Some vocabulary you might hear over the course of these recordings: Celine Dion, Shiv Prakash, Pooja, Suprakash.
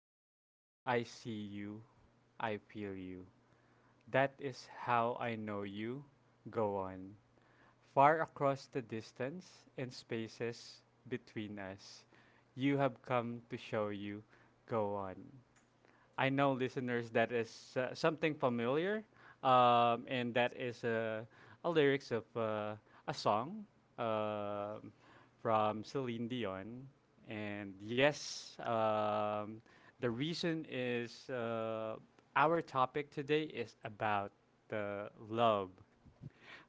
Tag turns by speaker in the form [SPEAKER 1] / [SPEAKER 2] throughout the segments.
[SPEAKER 1] dreams, I see you. I feel you. That is how I know you. Go on. Far across the distance and spaces between us, you have come to show you. Go on. I know, listeners, that is something familiar, and that is a lyrics of a song um from Celine Dion. And yes, the reason is our topic today is about the love.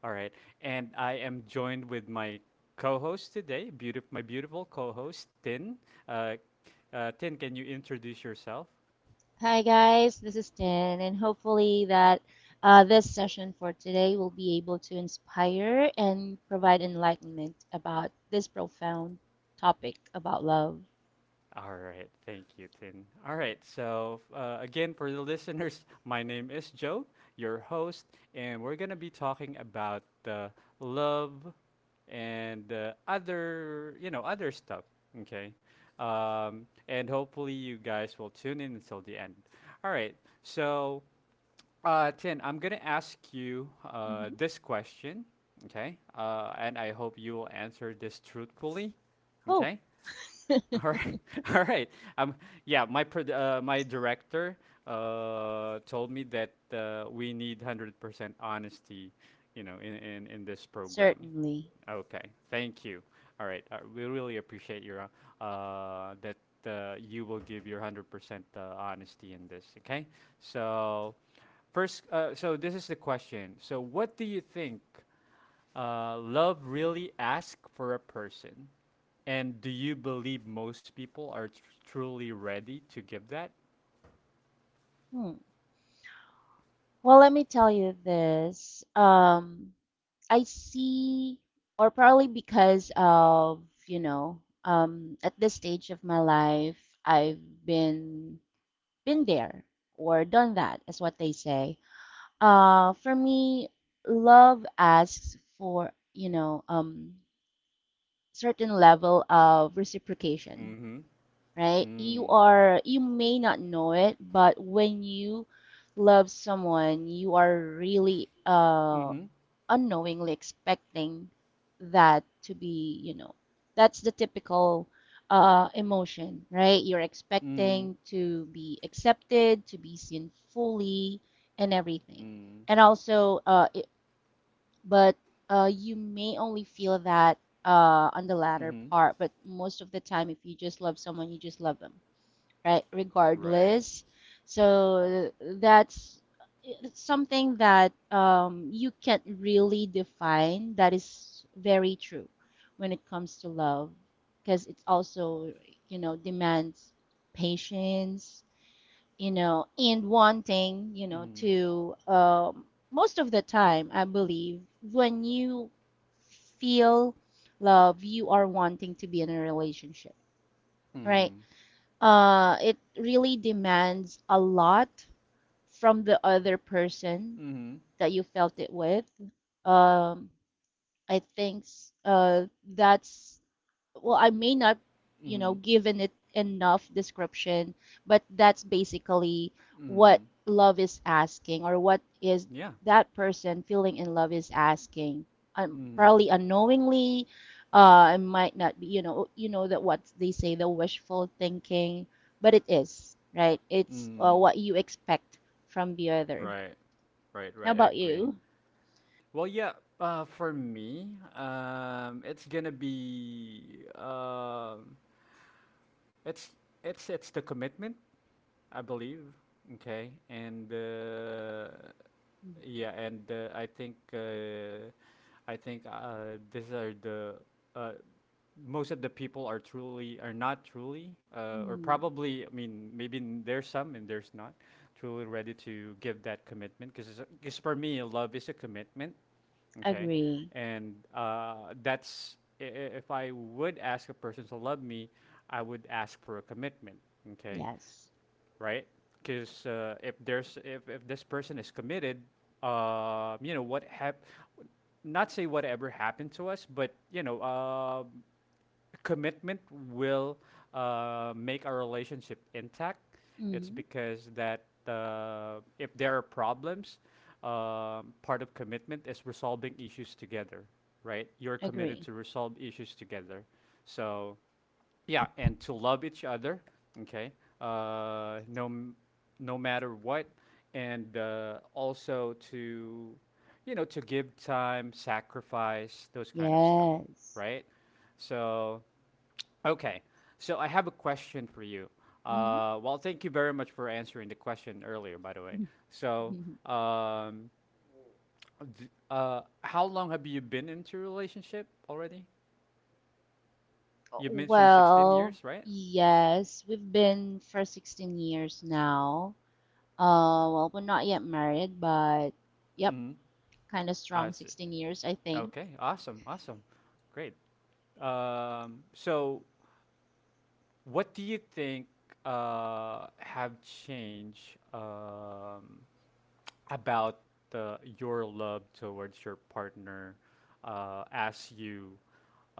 [SPEAKER 1] All right, and I am joined with my co-host today, beautiful, my beautiful co-host Tin. Uh, Tin, can you introduce yourself?
[SPEAKER 2] Hi guys, this is Jen, and hopefully that this session for today will be able to inspire and provide enlightenment about this profound topic about love.
[SPEAKER 1] All right, thank you, Tin. All right, so again, for the listeners, my name is Joe, your host, and we're going to be talking about uh, love and other, other stuff, okay? And hopefully you guys will tune in until the end. All right, so Tin, I'm going to ask you
[SPEAKER 2] Hmm.
[SPEAKER 1] this question, okay? And I hope you will answer this truthfully,
[SPEAKER 2] Oh,
[SPEAKER 1] okay? All right, all right. Um, yeah, my my director told me that we need 100% honesty, you know, in this program.
[SPEAKER 2] certainly.
[SPEAKER 1] Okay, thank you. All right, we really appreciate your that you will give your 100% honesty in this. Okay, so first, so this is the question. So, what do you think love really asks for a person? And do you believe most people are truly ready to give that?
[SPEAKER 2] Hmm. Well, let me tell you this. I see, or probably because of, you know, at this stage of my life, I've been been there or done that, is what they say. For me, love asks for, you know, certain level of reciprocation,
[SPEAKER 1] Mm-hmm.
[SPEAKER 2] right? You
[SPEAKER 1] Mm.
[SPEAKER 2] are, you may not know it, but when you love someone, you are really
[SPEAKER 1] Mm-hmm.
[SPEAKER 2] unknowingly expecting that to be, you know, that's the typical emotion, right? You're
[SPEAKER 1] Mm.
[SPEAKER 2] expecting to be accepted, to be seen fully, and everything.
[SPEAKER 1] Mm.
[SPEAKER 2] And also, it, but you may only feel that on the latter
[SPEAKER 1] Mm-hmm.
[SPEAKER 2] part, but most of the time, if you just love someone, you just love them, right?
[SPEAKER 1] Right.
[SPEAKER 2] Regardless. So that's it's something that you can't really define. That is very true when it comes to love, because it's also, you know, demands patience, you know, and wanting, you know,
[SPEAKER 1] Mm.
[SPEAKER 2] to most of the time, I believe, when you feel love, you are wanting to be in a relationship, right?
[SPEAKER 1] Mm-hmm.
[SPEAKER 2] It really demands a lot from the other person
[SPEAKER 1] Mm-hmm.
[SPEAKER 2] that you felt it with. Um, I think s- that's well, I may not, you
[SPEAKER 1] Mm-hmm.
[SPEAKER 2] know, given it enough description, but that's basically what
[SPEAKER 1] Mm.
[SPEAKER 2] love is asking, or what is
[SPEAKER 1] Yeah.
[SPEAKER 2] that person feeling in love is asking,
[SPEAKER 1] Mm.
[SPEAKER 2] probably unknowingly. It might not be, you know, you know that what they say, the wishful thinking, but it is right. It's
[SPEAKER 1] Mm.
[SPEAKER 2] what you expect from the other.
[SPEAKER 1] Right, right,
[SPEAKER 2] How
[SPEAKER 1] right. I
[SPEAKER 2] about
[SPEAKER 1] agree.
[SPEAKER 2] you?
[SPEAKER 1] Well, yeah, for me, it's gonna be it's it's the commitment, I believe. Okay, and yeah, and I think these are the uh, most of the people are truly are not truly or
[SPEAKER 2] Mm.
[SPEAKER 1] probably I mean maybe there's some and there's not truly ready to give that commitment, because for me love is a commitment, okay,
[SPEAKER 2] Agree.
[SPEAKER 1] and that's if I would ask a person to love me, I would ask for a commitment, okay,
[SPEAKER 2] Yes.
[SPEAKER 1] right? Because if there's if this person is committed, you know what not say whatever happened to us, but you know commitment will make our relationship intact. It's
[SPEAKER 2] Hmm.
[SPEAKER 1] because that if there are problems, part of commitment is resolving issues together, right? You're committed
[SPEAKER 2] Agree.
[SPEAKER 1] to resolve issues together, so yeah, and to love each other, okay, uh, no, m- no matter what, and also to, you know, to give time, sacrifice, those kind of stuff,
[SPEAKER 2] Yes.
[SPEAKER 1] right? So, okay, so I have a question for you.
[SPEAKER 2] Mhm.
[SPEAKER 1] Well, thank you very much for answering the question earlier, by the way. So, um, how long have you been into a relationship already? You mentioned 16
[SPEAKER 2] Well,
[SPEAKER 1] years, right?
[SPEAKER 2] yes, we've been for 16 years now. Well, we're not yet married, but yep,
[SPEAKER 1] Mm-hmm.
[SPEAKER 2] kind of
[SPEAKER 1] I
[SPEAKER 2] strong
[SPEAKER 1] see.
[SPEAKER 2] 16 years, I think.
[SPEAKER 1] Okay, awesome, awesome, great. So, what do you think have changed about your love towards your partner as you,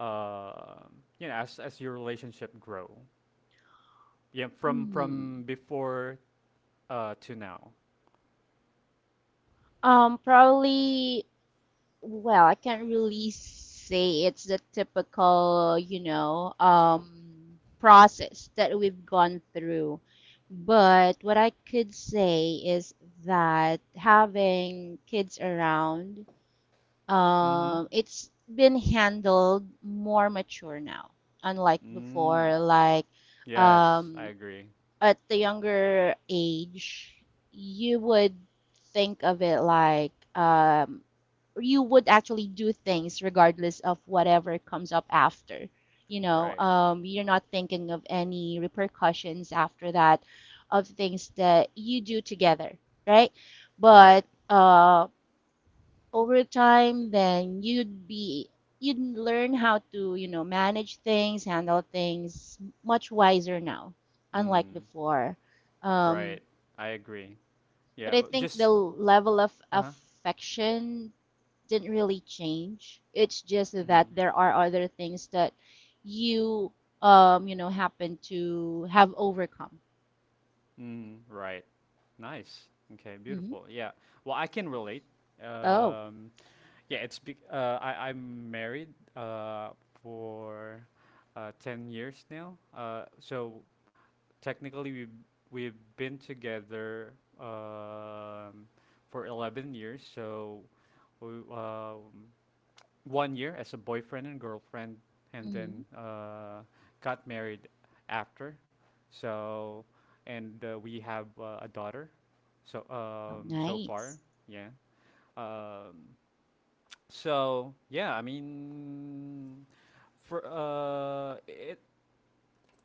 [SPEAKER 1] um you know, as your relationship grow? Yeah, from
[SPEAKER 2] Hmm.
[SPEAKER 1] from before to now.
[SPEAKER 2] Um, probably, well, I can't really say it's the typical, you know, process that we've gone through. But what I could say is that having kids around,
[SPEAKER 1] Mm-hmm.
[SPEAKER 2] it's been handled more mature now, unlike
[SPEAKER 1] Mm.
[SPEAKER 2] before. Like
[SPEAKER 1] Yes, I
[SPEAKER 2] um,
[SPEAKER 1] agree.
[SPEAKER 2] at the younger age, you would think of it like you would actually do things regardless of whatever comes up after. You know,
[SPEAKER 1] Right,
[SPEAKER 2] you're not thinking of any repercussions after that of things that you do together, right? But
[SPEAKER 1] right.
[SPEAKER 2] over time, then you'd learn how to, you know, manage things, handle things much wiser now, unlike
[SPEAKER 1] Mm,
[SPEAKER 2] before. Um,
[SPEAKER 1] right. I agree.
[SPEAKER 2] but
[SPEAKER 1] Yeah,
[SPEAKER 2] I
[SPEAKER 1] well,
[SPEAKER 2] think the
[SPEAKER 1] just
[SPEAKER 2] level of
[SPEAKER 1] uh-huh.
[SPEAKER 2] affection didn't really change. It's just that
[SPEAKER 1] Mm,
[SPEAKER 2] there are other things that you you know, happen to have overcome.
[SPEAKER 1] mm, right. Nice. Okay, beautiful.
[SPEAKER 2] Hmm.
[SPEAKER 1] Yeah. Well, I can relate.
[SPEAKER 2] Oh.
[SPEAKER 1] Um, yeah, it's be I'm married uh for 10 years now. So technically we've been together um for 11 years. So we one year as a boyfriend and girlfriend, and then
[SPEAKER 2] Hmm.
[SPEAKER 1] got married after. So, and we have a daughter. So,
[SPEAKER 2] Oh,
[SPEAKER 1] so far,
[SPEAKER 2] nice.
[SPEAKER 1] yeah. Um, so yeah, I mean, for it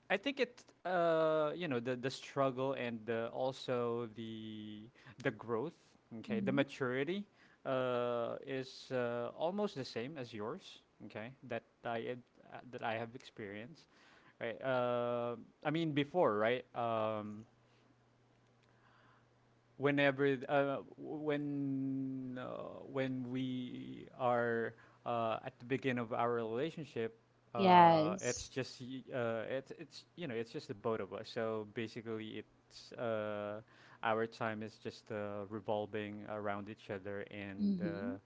[SPEAKER 1] I think you know, the struggle and also the growth, okay, the
[SPEAKER 2] Hmm.
[SPEAKER 1] maturity, is almost the same as yours, okay, that I had, that I have experienced, right? I mean before, right? Whenever when we are at the beginning of our relationship it's
[SPEAKER 2] Yes.
[SPEAKER 1] just it's you know it's just the both of us, so basically it's our time is just revolving around each other, and
[SPEAKER 2] Hmm.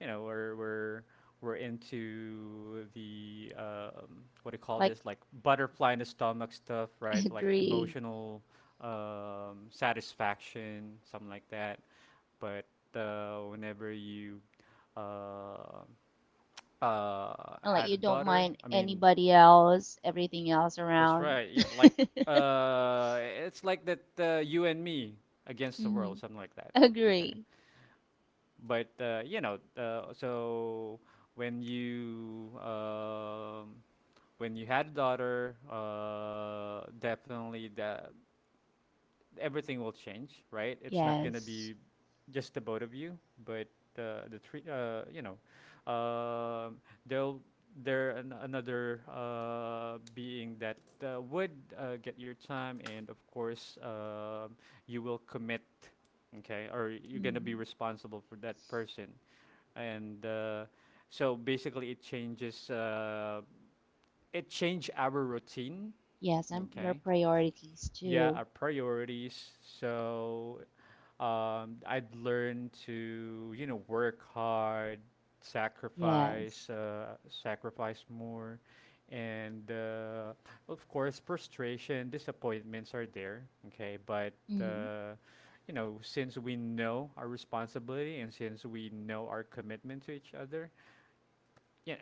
[SPEAKER 1] you know we're into the what do you call
[SPEAKER 2] Like
[SPEAKER 1] this, like butterfly in the stomach stuff, right? Like
[SPEAKER 2] agree.
[SPEAKER 1] emotional satisfaction, something like that. But whenever you uh, uh,
[SPEAKER 2] And like
[SPEAKER 1] had a
[SPEAKER 2] you don't
[SPEAKER 1] daughter,
[SPEAKER 2] mind
[SPEAKER 1] I mean,
[SPEAKER 2] anybody else, everything else
[SPEAKER 1] that's
[SPEAKER 2] around.
[SPEAKER 1] right, yeah, like uh, it's like that you and me against the world,
[SPEAKER 2] Mm-hmm.
[SPEAKER 1] something like that, okay.
[SPEAKER 2] Agree.
[SPEAKER 1] But you know, so when you um, when you had a daughter, definitely that everything will change, right? It's not gonna
[SPEAKER 2] Yes.
[SPEAKER 1] be just the both of you, but the three, you know, um there'll another being that would get your time, and of course, you will commit, okay, or you're gonna be
[SPEAKER 2] Hmm.
[SPEAKER 1] responsible for that person, and so basically it changed our routine,
[SPEAKER 2] Yes, and your
[SPEAKER 1] okay,
[SPEAKER 2] priorities
[SPEAKER 1] yeah, our
[SPEAKER 2] too.
[SPEAKER 1] priorities, so I'd learned to you know work hard, sacrifice
[SPEAKER 2] Yes.
[SPEAKER 1] uh, sacrifice more, and of course frustration disappointments are there, okay, but
[SPEAKER 2] Mm-hmm.
[SPEAKER 1] uh, you know since we know our responsibility and since we know our commitment to each other, yeah,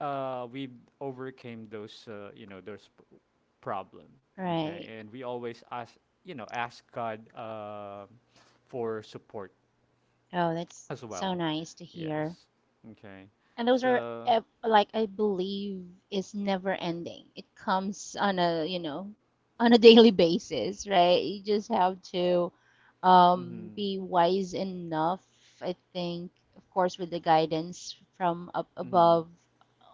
[SPEAKER 1] we overcame those, you know, those problem. Okay,
[SPEAKER 2] Right.
[SPEAKER 1] and we always ask, you know, ask God for support
[SPEAKER 2] Oh, that's
[SPEAKER 1] as
[SPEAKER 2] so
[SPEAKER 1] well.
[SPEAKER 2] nice to hear.
[SPEAKER 1] Yes. Okay.
[SPEAKER 2] And those are
[SPEAKER 1] So.
[SPEAKER 2] ev- like I believe is never ending. It comes on a, you know, on a daily basis, right? You just have to
[SPEAKER 1] Mm-hmm.
[SPEAKER 2] be wise enough, I think, of course, with the guidance from up
[SPEAKER 1] Mm-hmm.
[SPEAKER 2] above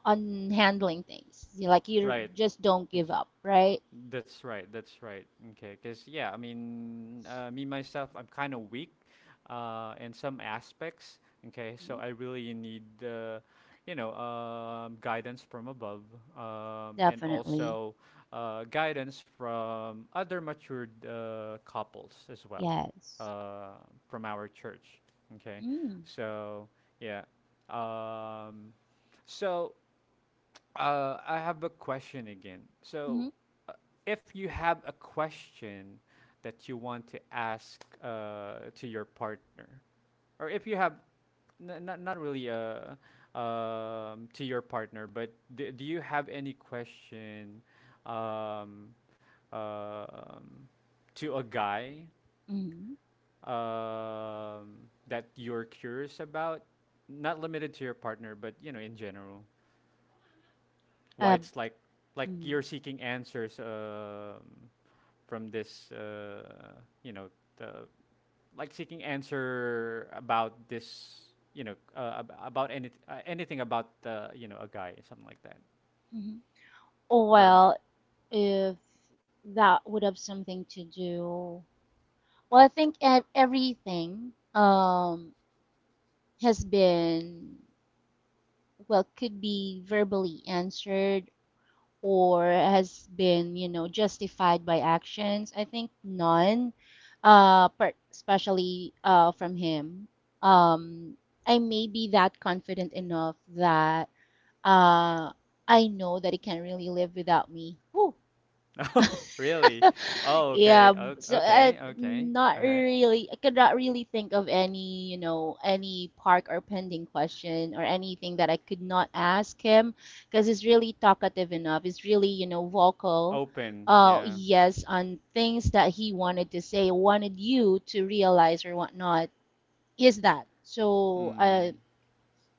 [SPEAKER 2] on handling things. You- Like you
[SPEAKER 1] Right.
[SPEAKER 2] just don't give
[SPEAKER 1] Ex-
[SPEAKER 2] up, right?
[SPEAKER 1] That's right. That's right. Okay. Because, yeah, I mean, me myself, I'm kind of weak in some aspects. Okay. So
[SPEAKER 2] Mhm.
[SPEAKER 1] I really need, you know, guidance from above and
[SPEAKER 2] Definitely.
[SPEAKER 1] also guidance from other matured couples as well
[SPEAKER 2] Yes.
[SPEAKER 1] uh, from our church. Okay.
[SPEAKER 2] Mm.
[SPEAKER 1] So, yeah. Um, so, I have a question again. So,
[SPEAKER 2] Mm-hmm.
[SPEAKER 1] uh, if you have a question that you want to ask to your partner, or if you have not really to your partner, but do you have any question um, um, to a guy
[SPEAKER 2] Mm-hmm.
[SPEAKER 1] um, that you're curious about? Not limited to your partner, but you know, in general. Why
[SPEAKER 2] Uh,
[SPEAKER 1] it's like
[SPEAKER 2] mm-hmm.
[SPEAKER 1] you're seeking answers from this, you know, the, like seeking answer about this, you know, about any anything about you know a guy, something like that,
[SPEAKER 2] Mm-hmm.
[SPEAKER 1] or a,
[SPEAKER 2] Well, if that would have something to do, well, I think everything has been, well, could be verbally answered or has been, you know, justified by actions. I think none, per especially from him. Um, I may be that confident enough that uh, I know that he can really live without me. Whew.
[SPEAKER 1] really. Oh, okay,
[SPEAKER 2] Yeah, so I
[SPEAKER 1] okay, okay,
[SPEAKER 2] not
[SPEAKER 1] all right,
[SPEAKER 2] really I could not really think of any, you know, any park or pending question or anything that I could not ask him because he's really talkative enough. He's really, you know, vocal.
[SPEAKER 1] open, yeah,
[SPEAKER 2] Yes, on things that he wanted to say, wanted you to realize or whatnot, is that. So,
[SPEAKER 1] mm.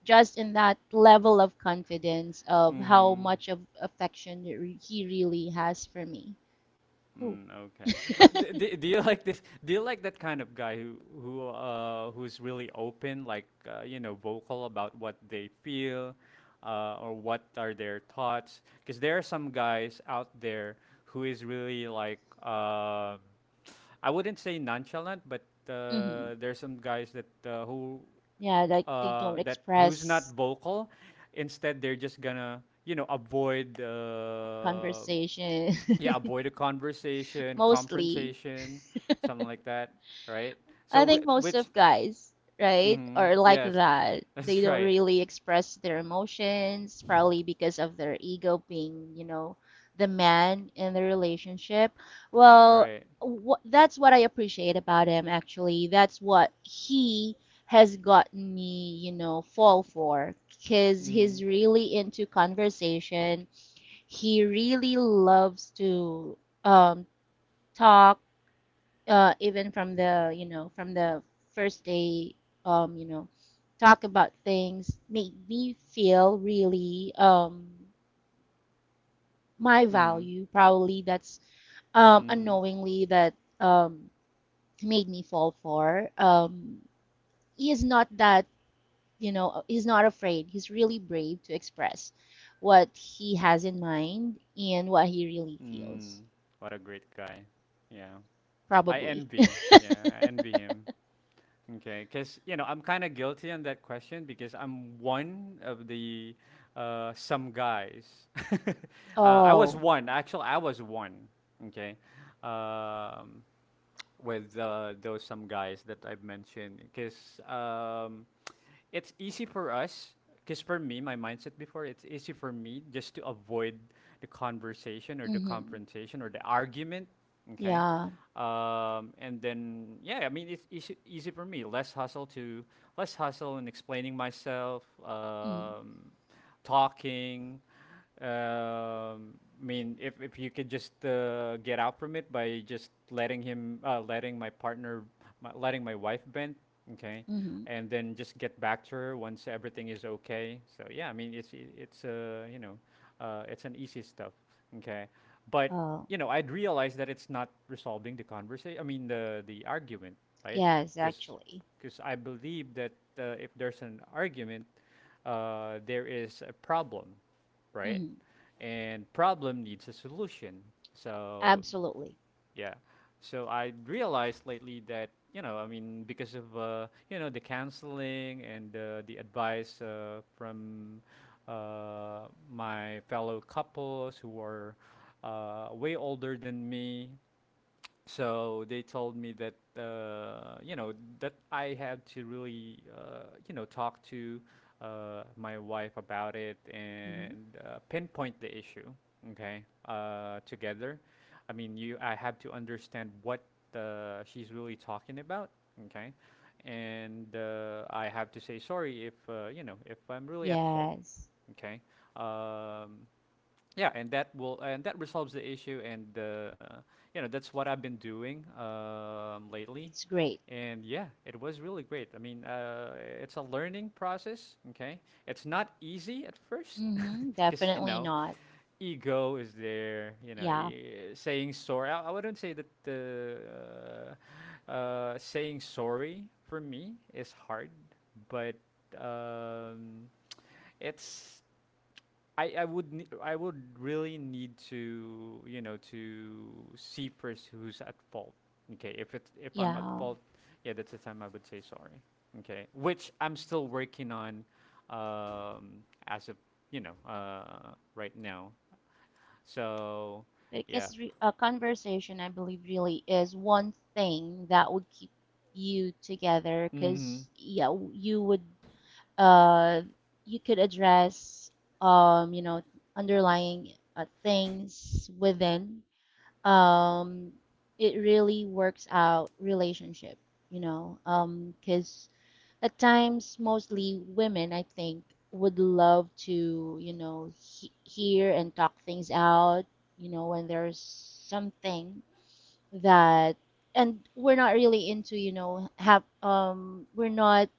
[SPEAKER 2] just in that level of confidence of how
[SPEAKER 1] Mm-hmm.
[SPEAKER 2] much of affection he really has for me. Cool.
[SPEAKER 1] Mm, okay. But do you like this? Do you like that kind of guy who's really open, like you know, vocal about what they feel, or what are their thoughts? Because there are some guys out there who is really like I wouldn't say nonchalant, but
[SPEAKER 2] Mhm.
[SPEAKER 1] there's some guys that who
[SPEAKER 2] Yeah, like they don't
[SPEAKER 1] that who's not
[SPEAKER 2] express
[SPEAKER 1] vocal. Instead, they're just gonna you know avoid
[SPEAKER 2] conversation
[SPEAKER 1] yeah, avoid a conversation,
[SPEAKER 2] mostly.
[SPEAKER 1] confrontation, something like that, right?
[SPEAKER 2] I
[SPEAKER 1] So,
[SPEAKER 2] think most
[SPEAKER 1] which,
[SPEAKER 2] of guys, right,
[SPEAKER 1] mm-hmm,
[SPEAKER 2] are like
[SPEAKER 1] yes,
[SPEAKER 2] that. They
[SPEAKER 1] that's
[SPEAKER 2] don't
[SPEAKER 1] right,
[SPEAKER 2] really express their emotions, probably because of their ego being, you know, the man in the relationship. Well,
[SPEAKER 1] right.
[SPEAKER 2] wh that's what I appreciate about him, actually. That's what he has gotten me, you know, fall for, because
[SPEAKER 1] Mm-hmm,
[SPEAKER 2] he's really into conversation. He really loves to um, talk, even from the, you know, from the first day, you know, talk about things, make me feel really my
[SPEAKER 1] mm-hmm,
[SPEAKER 2] value. Probably that's
[SPEAKER 1] mm-hmm,
[SPEAKER 2] unknowingly that um, made me fall for. He is not that, you know, he's not afraid. He's really brave to express what he has in mind and what he really
[SPEAKER 1] mm.
[SPEAKER 2] feels,
[SPEAKER 1] What a great guy. Yeah, I
[SPEAKER 2] probably.
[SPEAKER 1] envy. Yeah, I envy him. Okay, because you know I'm kind of guilty on that question because I'm one of the some guys. I was
[SPEAKER 2] Oh,
[SPEAKER 1] one. Actually, I was one. Okay, um, with those some guys that I've mentioned because it's easy for us. Because for me, my mindset before, it's easy for me just to avoid the conversation or the
[SPEAKER 2] Mhm.
[SPEAKER 1] confrontation or the argument. Okay.
[SPEAKER 2] Yeah.
[SPEAKER 1] And then, yeah, I mean, it's easy, easy for me. Less hustle to less hustle in explaining myself.
[SPEAKER 2] Mm.
[SPEAKER 1] Talking. Um, I mean, if you could just get out from it by just letting him, letting my partner, letting my wife vent, okay,
[SPEAKER 2] Mhm.
[SPEAKER 1] and then just get back to her once everything is okay. So yeah, I mean, it's you know, it's an easy stuff, okay, but
[SPEAKER 2] Oh,
[SPEAKER 1] you know, I'd realize that it's not resolving the conversation. I mean, the argument, right?
[SPEAKER 2] yes,
[SPEAKER 1] Because
[SPEAKER 2] actually.
[SPEAKER 1] because I believe that if there's an argument, there is a problem, right?
[SPEAKER 2] Mhm.
[SPEAKER 1] And problem needs a solution. So
[SPEAKER 2] Absolutely.
[SPEAKER 1] yeah, so I realized lately that you know I mean because of you know the counseling and the advice from my fellow couples who are way older than me, so they told me that you know that I had to really you know talk to my wife about it
[SPEAKER 2] Mhm.
[SPEAKER 1] and pinpoint the issue. Okay, together. I mean, you I have to understand what she's really talking about. Okay, and I have to say sorry if you know if I'm really at fault.
[SPEAKER 2] Yes.
[SPEAKER 1] Okay, um, yeah, and that resolves the issue, and you know that's what I've been doing lately,
[SPEAKER 2] It's great.
[SPEAKER 1] and yeah, it was really great. I mean, it's a learning process. Okay, it's not easy at first
[SPEAKER 2] Mhm,
[SPEAKER 1] because
[SPEAKER 2] definitely not.
[SPEAKER 1] ego is there. You know,
[SPEAKER 2] Yeah.
[SPEAKER 1] saying sorry. I wouldn't say that the saying sorry for me is hard, but um, it's I would I would really need to to see first who's at fault. Okay, if I'm at
[SPEAKER 2] Yeah.
[SPEAKER 1] fault, yeah, that's the time I would say sorry. Okay, which I'm still working on, as of right now. So, yeah.
[SPEAKER 2] Because re a conversation, I believe, really is one thing that would keep you together.
[SPEAKER 1] Mm-hmm.
[SPEAKER 2] Because yeah, you would uh you could address um, you know, underlying things within um, it really works out relationship, you know um, because at times mostly women I think would love to, you know, hear and talk things out, you know, when there's something that, and we're not really into, you know, have we're not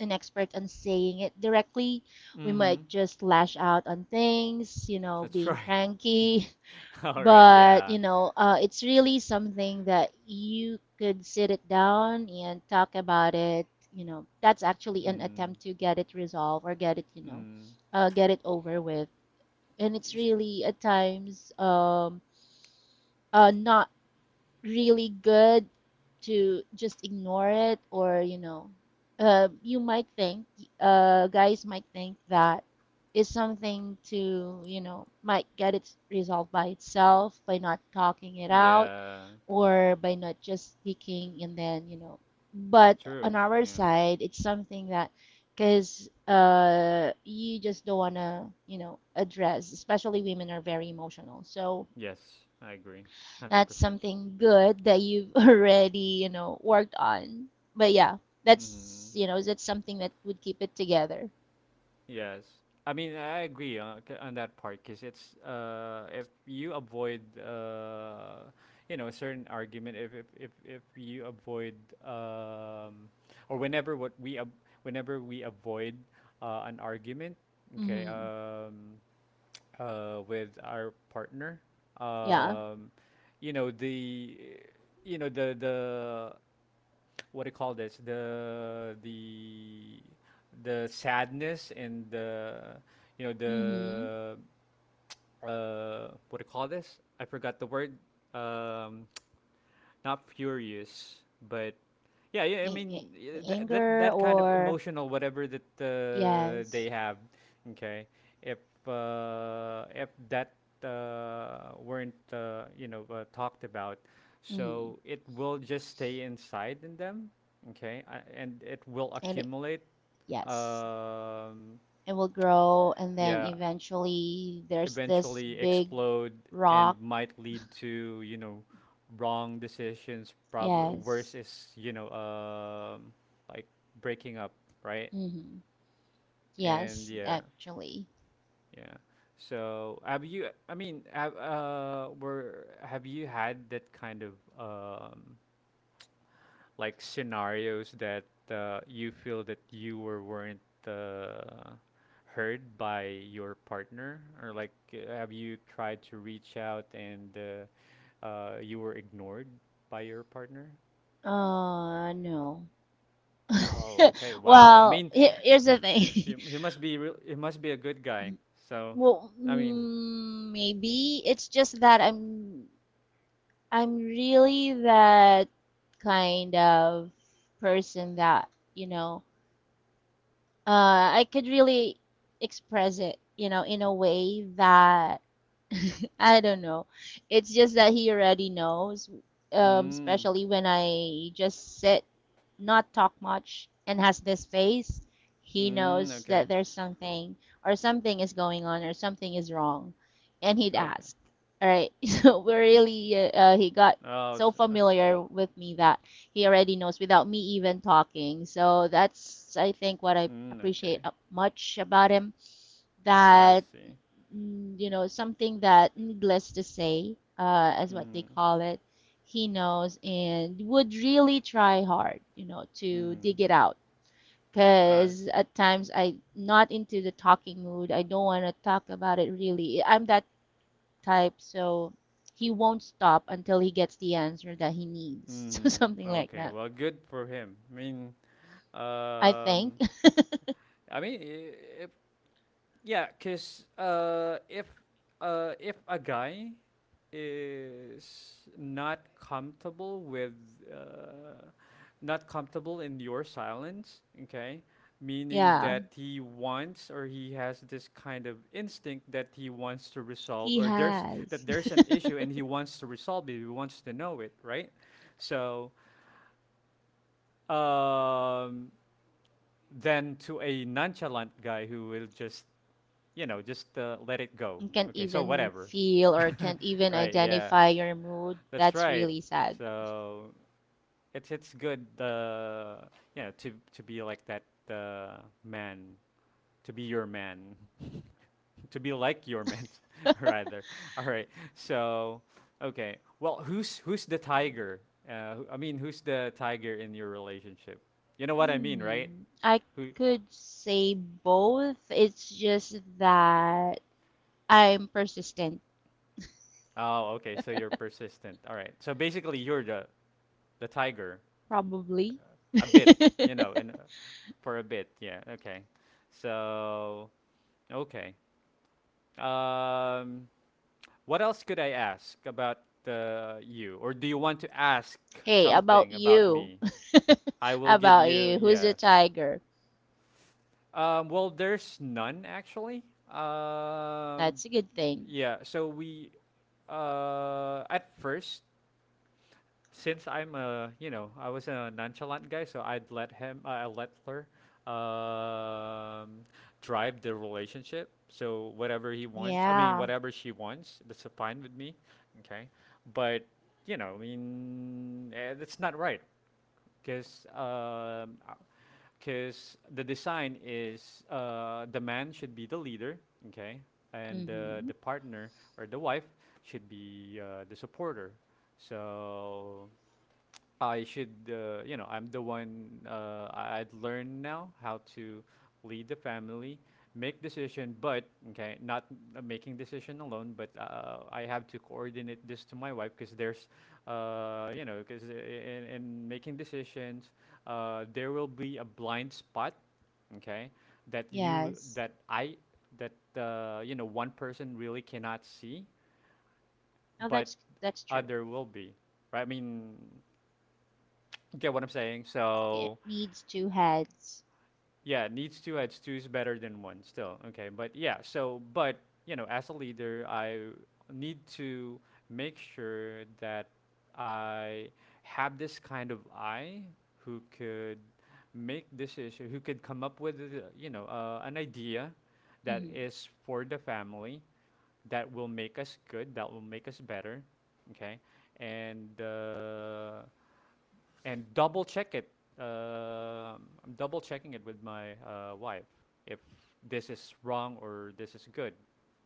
[SPEAKER 2] an expert on saying it directly. We
[SPEAKER 1] Mm-hmm.
[SPEAKER 2] might just lash out on things, you know,
[SPEAKER 1] That's
[SPEAKER 2] being
[SPEAKER 1] right.
[SPEAKER 2] cranky,
[SPEAKER 1] All right.
[SPEAKER 2] but,
[SPEAKER 1] Yeah.
[SPEAKER 2] you know, it's really something that you could sit it down and talk about it. You know, that's actually an
[SPEAKER 1] Mm.
[SPEAKER 2] attempt to get it resolved or get it, you know,
[SPEAKER 1] Mm.
[SPEAKER 2] get it over with. And it's
[SPEAKER 1] S-
[SPEAKER 2] really at times not really good to just ignore it, or you know you might think guys might think that is something to, you know, might get it resolved by itself by not talking it out
[SPEAKER 1] Yeah.
[SPEAKER 2] or by not just speaking and then you know, but
[SPEAKER 1] True.
[SPEAKER 2] on our
[SPEAKER 1] Yeah.
[SPEAKER 2] side it's something that because you just don't want to, you know, address, especially women are very emotional, so
[SPEAKER 1] Yes, I agree. Hundred
[SPEAKER 2] that's
[SPEAKER 1] percent.
[SPEAKER 2] something good that you've already, you know, worked on. But yeah, that's,
[SPEAKER 1] Mm-hmm.
[SPEAKER 2] you know, that's something that would keep it together.
[SPEAKER 1] Yes. I mean, I agree on, on that part because it's if you avoid a certain argument, if you avoid um, or whenever what we ab- whenever we avoid an argument, okay,
[SPEAKER 2] Mm-hmm.
[SPEAKER 1] with our partner.
[SPEAKER 2] Yeah.
[SPEAKER 1] Um, you know the you know the what do you call this the the sadness and the you know
[SPEAKER 2] Mm-hmm.
[SPEAKER 1] the what do you call this? I forgot the word. Um, not furious, but yeah. I
[SPEAKER 2] A-
[SPEAKER 1] mean
[SPEAKER 2] a-
[SPEAKER 1] yeah,
[SPEAKER 2] The
[SPEAKER 1] that that
[SPEAKER 2] anger
[SPEAKER 1] that kind of
[SPEAKER 2] or
[SPEAKER 1] emotional whatever that
[SPEAKER 2] yes.
[SPEAKER 1] they have. Okay, if if that weren't talked about,
[SPEAKER 2] Mm.
[SPEAKER 1] so it will just stay inside in them. Okay, and it will
[SPEAKER 2] And it-
[SPEAKER 1] accumulate
[SPEAKER 2] yes,
[SPEAKER 1] um,
[SPEAKER 2] it will grow and then
[SPEAKER 1] yeah,
[SPEAKER 2] eventually there's this
[SPEAKER 1] eventually
[SPEAKER 2] big
[SPEAKER 1] explode and
[SPEAKER 2] rock.
[SPEAKER 1] might lead to wrong decisions, probably worse
[SPEAKER 2] Yes.
[SPEAKER 1] is like breaking up, right?
[SPEAKER 2] Mm-hmm.
[SPEAKER 1] And
[SPEAKER 2] Yes, actually.
[SPEAKER 1] yeah so have you, I mean, have you had that kind of like scenarios that you feel that you weren't uh, heard by your partner, or like have you tried to reach out and you were ignored by your partner?
[SPEAKER 2] No.
[SPEAKER 1] Oh, okay. Wow. I
[SPEAKER 2] Well,
[SPEAKER 1] mean,
[SPEAKER 2] here's the thing.
[SPEAKER 1] he must be real. He must be a good guy. So,
[SPEAKER 2] Well,
[SPEAKER 1] I mean,
[SPEAKER 2] mm, maybe it's just that I'm really that kind of person that, you know, I could really express it, you know, in a way that I don't know. It's just that he already knows,
[SPEAKER 1] mm,
[SPEAKER 2] especially when I just sit, not talk much, and has this face. He
[SPEAKER 1] mm,
[SPEAKER 2] knows that
[SPEAKER 1] okay,
[SPEAKER 2] there's something or something is going on or something is wrong, and he'd
[SPEAKER 1] okay.
[SPEAKER 2] ask. All right, so we're really he got
[SPEAKER 1] Oh,
[SPEAKER 2] so
[SPEAKER 1] s okay.
[SPEAKER 2] familiar with me that he already knows without me even talking. So that's, I think, what I
[SPEAKER 1] Mm,
[SPEAKER 2] appreciate
[SPEAKER 1] okay.
[SPEAKER 2] much about him.
[SPEAKER 1] I
[SPEAKER 2] That,
[SPEAKER 1] see.
[SPEAKER 2] mm, you know, something that, needless to say, as what they
[SPEAKER 1] Mm-hmm.
[SPEAKER 2] call it, he knows and would really try hard, you know, to
[SPEAKER 1] Mm-hmm.
[SPEAKER 2] dig it out.
[SPEAKER 1] I
[SPEAKER 2] Because
[SPEAKER 1] see.
[SPEAKER 2] at times I'm not into the talking mood. I don't want to talk about it really. I'm that type, so he won't stop until he gets the answer that he needs. So
[SPEAKER 1] Mm,
[SPEAKER 2] something like
[SPEAKER 1] okay.
[SPEAKER 2] that.
[SPEAKER 1] Well, good for him.
[SPEAKER 2] I think.
[SPEAKER 1] Um, I mean, if, yeah, cause if a guy is not comfortable with uh, not comfortable in your silence, okay, meaning
[SPEAKER 2] Yeah,
[SPEAKER 1] that he wants, or he has this kind of instinct that he wants to resolve,
[SPEAKER 2] he
[SPEAKER 1] or there's
[SPEAKER 2] has.
[SPEAKER 1] that there's an issue and he wants to resolve it, he wants to know it, right? So um, than to a nonchalant guy who will just, you know, just let it go.
[SPEAKER 2] And can't
[SPEAKER 1] Okay, so
[SPEAKER 2] even
[SPEAKER 1] whatever.
[SPEAKER 2] feel or can't even
[SPEAKER 1] Right, yeah,
[SPEAKER 2] identify your mood.
[SPEAKER 1] that's
[SPEAKER 2] That's
[SPEAKER 1] right.
[SPEAKER 2] really sad.
[SPEAKER 1] So it's good, you know, to be like that uh, man, to be your man, to be like your man, rather. All right. So, okay. Well, who's the tiger? I mean, who's the tiger in your relationship? You know what I mean, right?
[SPEAKER 2] Hmm. I
[SPEAKER 1] Who
[SPEAKER 2] could say both. It's just that I'm persistent,
[SPEAKER 1] Oh, okay. So you're persistent. All right. So basically, you're the tiger,
[SPEAKER 2] probably.
[SPEAKER 1] a bit, you know, and for a bit. Yeah. Okay. So okay. Um, what else could I ask about you, or do you want to ask
[SPEAKER 2] Hey, about
[SPEAKER 1] something about
[SPEAKER 2] you?
[SPEAKER 1] me? I will give
[SPEAKER 2] About
[SPEAKER 1] you
[SPEAKER 2] you? Who's the
[SPEAKER 1] yes.
[SPEAKER 2] tiger?
[SPEAKER 1] Well, there's none actually. Um,
[SPEAKER 2] That's a good thing.
[SPEAKER 1] yeah. So we at first since I'm a, you know, I was a nonchalant guy, so I'd let him, I let her um, drive the relationship. So whatever he wants, I mean,
[SPEAKER 2] Yeah.
[SPEAKER 1] whatever she wants, that's fine with me. Okay. But, you know, I mean, eh, that's not right. Because um, because the design is, the man should be the leader, okay, and
[SPEAKER 2] Mm-hmm.
[SPEAKER 1] the partner or the wife should be the supporter. So I should, you know, I'm the one. I'd learn now how to lead the family, make decision, but okay, not making decision alone, but I have to coordinate this to my wife because there's, because in making decisions, there will be a blind spot, okay, that you
[SPEAKER 2] Yes.
[SPEAKER 1] that I that you know one person really cannot see,
[SPEAKER 2] No,
[SPEAKER 1] but
[SPEAKER 2] that's true.
[SPEAKER 1] other will be, right? I mean, get what I'm saying?
[SPEAKER 2] It
[SPEAKER 1] So
[SPEAKER 2] needs two heads.
[SPEAKER 1] yeah, needs two heads. Two is better than one still. Okay, but yeah, so, but, you know, as a leader, I need to make sure that I have this kind of eye who could make decision, who could come up with, an idea that
[SPEAKER 2] Mhm.
[SPEAKER 1] is for the family, that will make us good, that will make us better, okay? And, uh, and double check it. Uh, I'm double checking it with my wife if this is wrong or this is good,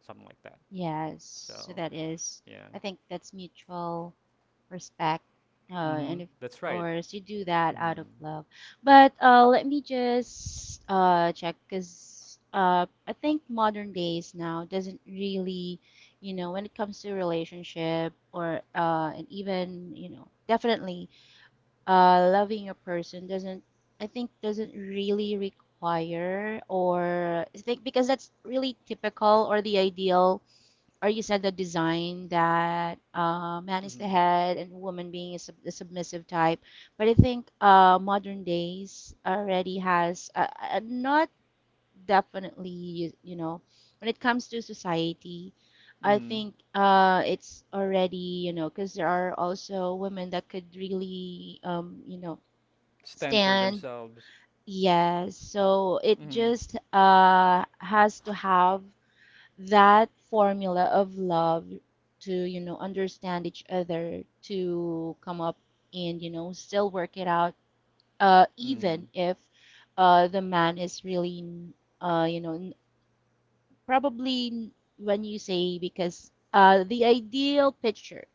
[SPEAKER 1] something like that.
[SPEAKER 2] Yes,
[SPEAKER 1] So
[SPEAKER 2] so that is,
[SPEAKER 1] yeah,
[SPEAKER 2] I think that's mutual respect,
[SPEAKER 1] mm-hmm.
[SPEAKER 2] and of
[SPEAKER 1] That's right.
[SPEAKER 2] course you do that out of
[SPEAKER 1] Mm-hmm.
[SPEAKER 2] love. But let me just check because I think modern days now doesn't really, you know, when it comes to relationship or and even, you know, definitely loving a person doesn't, I think doesn't really require, or I think because that's really typical or the ideal, or you said the design that man is the
[SPEAKER 1] Mm-hmm.
[SPEAKER 2] head and woman being is the submissive type. But I think modern days already has not definitely you, you know, when it comes to society. I
[SPEAKER 1] Mm-hmm.
[SPEAKER 2] think it's already, you know, because there are also women that could really you know,
[SPEAKER 1] Stand for
[SPEAKER 2] stand.
[SPEAKER 1] themselves.
[SPEAKER 2] Yes, so it
[SPEAKER 1] Mm-hmm.
[SPEAKER 2] just has to have that formula of love to understand each other, to come up and still work it out, even
[SPEAKER 1] Mm-hmm.
[SPEAKER 2] if the man is really, uh you know n- probably, when you say, because the ideal picture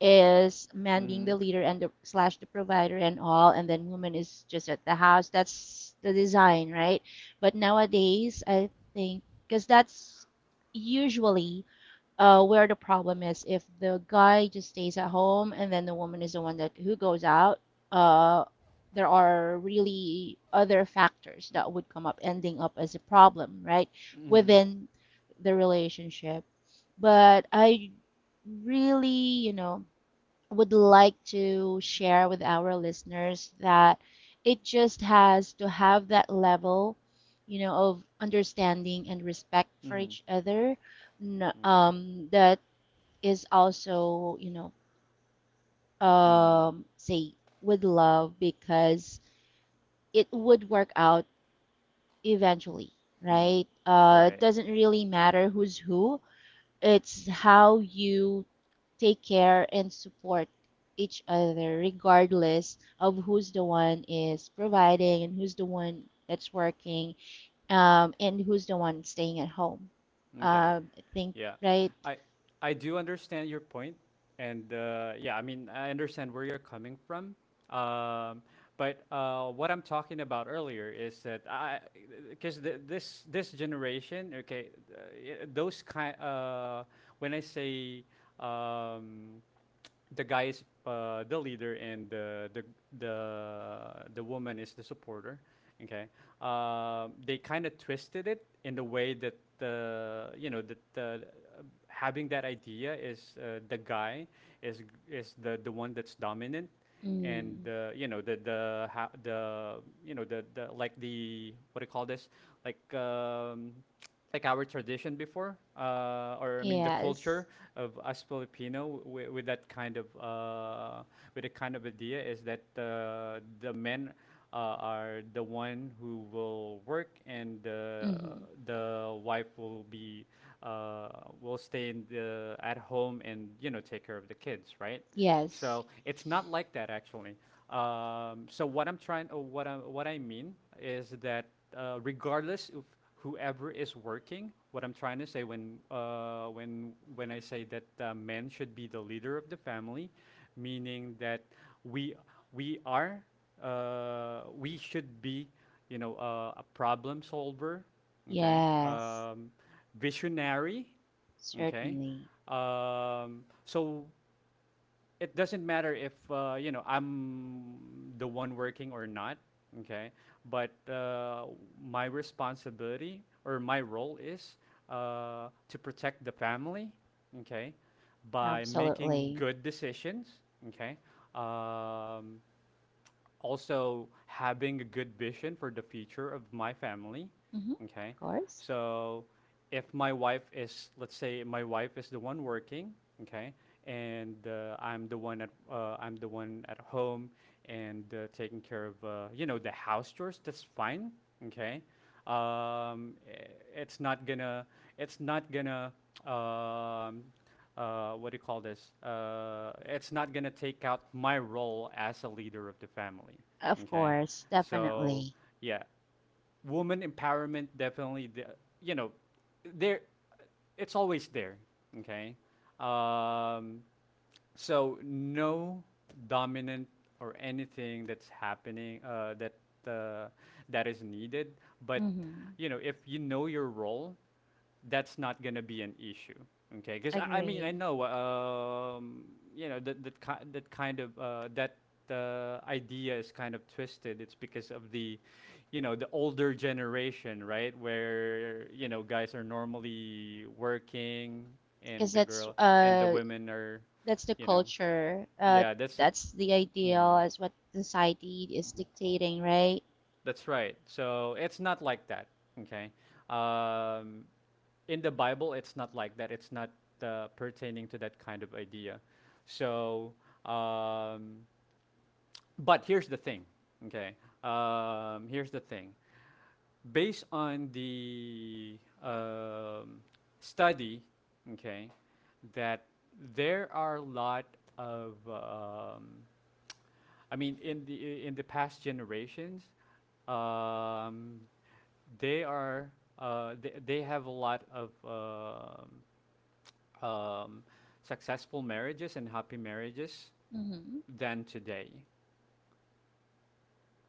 [SPEAKER 2] is man being
[SPEAKER 1] Mm-hmm.
[SPEAKER 2] the leader and the slash the provider and all, and then woman is just at the house. That's the design, right? But nowadays I think, because that's usually where the problem is, if the guy just stays at home and then the woman is the one that who goes out, uh, there are really other factors that
[SPEAKER 1] Mm-hmm.
[SPEAKER 2] would come up, ending up as a problem, right?
[SPEAKER 1] Mm-hmm.
[SPEAKER 2] Within the relationship. But I really, you know would like to share with our listeners that it just has to have that level, you know, of understanding and respect for
[SPEAKER 1] Mm-hmm.
[SPEAKER 2] each other.
[SPEAKER 1] Okay.
[SPEAKER 2] That is also, you know,
[SPEAKER 1] Mm-hmm.
[SPEAKER 2] say, with love, because it would work out eventually,
[SPEAKER 1] Mm-hmm.
[SPEAKER 2] right? It
[SPEAKER 1] Right.
[SPEAKER 2] doesn't really matter who's who. It's how you take care and support each other, regardless of who's the one is providing and who's the one that's working, and who's the one staying at home.
[SPEAKER 1] Okay.
[SPEAKER 2] I think,
[SPEAKER 1] Yeah,
[SPEAKER 2] right?
[SPEAKER 1] I I do understand your point, and yeah, I mean I understand where you're coming from. Um, but what I'm talking about earlier is that because this this generation, okay, yeah, those kind. When I say um, the guy is the leader and the the woman is the supporter, okay, they kind of twisted it in the way that you know that having that idea is the guy is is the one that's dominant and
[SPEAKER 2] Mm,
[SPEAKER 1] you know the ha- the you know the like the what do you call this like um like our tradition before or I mean the
[SPEAKER 2] yes.
[SPEAKER 1] culture of us Filipino with that kind of with a kind of idea is that the men are the one who will work and
[SPEAKER 2] hmm
[SPEAKER 1] the wife will be uh, will stay at home and you know take care of the kids, right?
[SPEAKER 2] Yes.
[SPEAKER 1] So it's not like that actually. So what I'm trying, what I mean is that regardless of whoever is working, what I'm trying to say when when I say that men should be the leader of the family, meaning that we we are we should be you know a problem solver, okay,
[SPEAKER 2] Yes.
[SPEAKER 1] visionary, okay.
[SPEAKER 2] Certainly.
[SPEAKER 1] So it doesn't matter if you know I'm the one working or not, okay. But my responsibility or my role is to protect the family, okay, by making
[SPEAKER 2] Absolutely.
[SPEAKER 1] good decisions, okay. Um, also having a good vision for the future of my family,
[SPEAKER 2] Hmm Of
[SPEAKER 1] okay.
[SPEAKER 2] course.
[SPEAKER 1] So if my wife is, let's say, my wife is the one working, okay, and I'm the one at, I'm the one at home and taking care of, you know, the house chores. That's fine, okay. Um, it's not gonna, it's not gonna, um, what do you call this? It's not gonna take out my role as a leader of the family,
[SPEAKER 2] Of
[SPEAKER 1] okay.
[SPEAKER 2] course.
[SPEAKER 1] So
[SPEAKER 2] Definitely.
[SPEAKER 1] yeah, woman empowerment definitely the, you know there it's always there okay um so no dominant or anything that's happening that uh, that is needed. But
[SPEAKER 2] Hmm
[SPEAKER 1] you know, if you know your role, that's not gonna be an issue. Okay, because I mean I
[SPEAKER 2] Agree.
[SPEAKER 1] know you know that that kind of that idea is kind of twisted. It's because of the you know the older generation, right? Where you know guys are normally working and
[SPEAKER 2] Because
[SPEAKER 1] the
[SPEAKER 2] that's
[SPEAKER 1] girl and the
[SPEAKER 2] uh.
[SPEAKER 1] women are
[SPEAKER 2] That's the
[SPEAKER 1] you know
[SPEAKER 2] culture.
[SPEAKER 1] yeah that's the
[SPEAKER 2] That's the
[SPEAKER 1] mm,
[SPEAKER 2] ideal, is what society is dictating, right?
[SPEAKER 1] that's right so it's not like that okay um, in the Bible it's not like that, it's not pertaining to that kind of idea. So um, but here's the thing, okay. Here's the thing based on the study, okay, that there are a lot of I mean, in the past generations, um, they are they have a lot of um, successful marriages and happy marriages
[SPEAKER 2] Mm-hmm.
[SPEAKER 1] than today.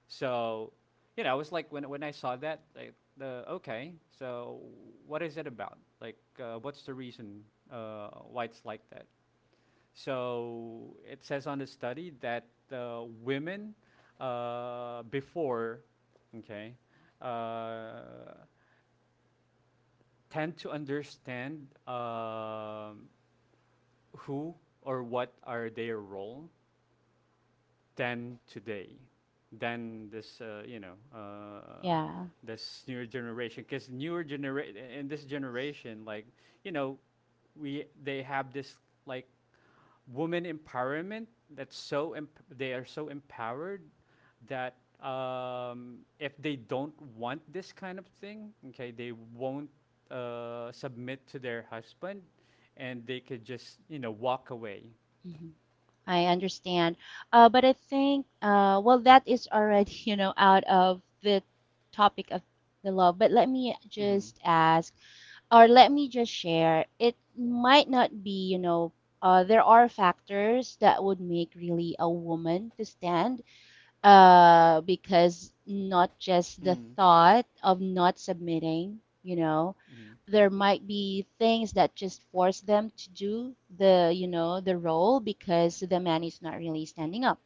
[SPEAKER 1] So, you know, I was like when I saw that, like, the okay, so what is it about? Like, what's the reason why it's like that? So it says on the study that women, before, okay, uh, tend to understand who or what are their role than today, than this, you know,
[SPEAKER 2] Yeah.
[SPEAKER 1] this newer generation. Because newer generation in this generation, like you know, we they have this like women empowerment that's they are so empowered that if they don't want this kind of thing okay they won't submit to their husband and they could just you know walk away.
[SPEAKER 2] hmm I understand. But I think, well, that is already, you know, out of the topic of the love. But let me
[SPEAKER 1] Mm-hmm.
[SPEAKER 2] just ask, or let me just share, it might not be, you know, there are factors that would make really a woman to stand, because not just the
[SPEAKER 1] Mm-hmm.
[SPEAKER 2] thought of not submitting, you know,
[SPEAKER 1] Hmm.
[SPEAKER 2] there might be things that just force them to do the, you know, the role, because the man is not really standing up,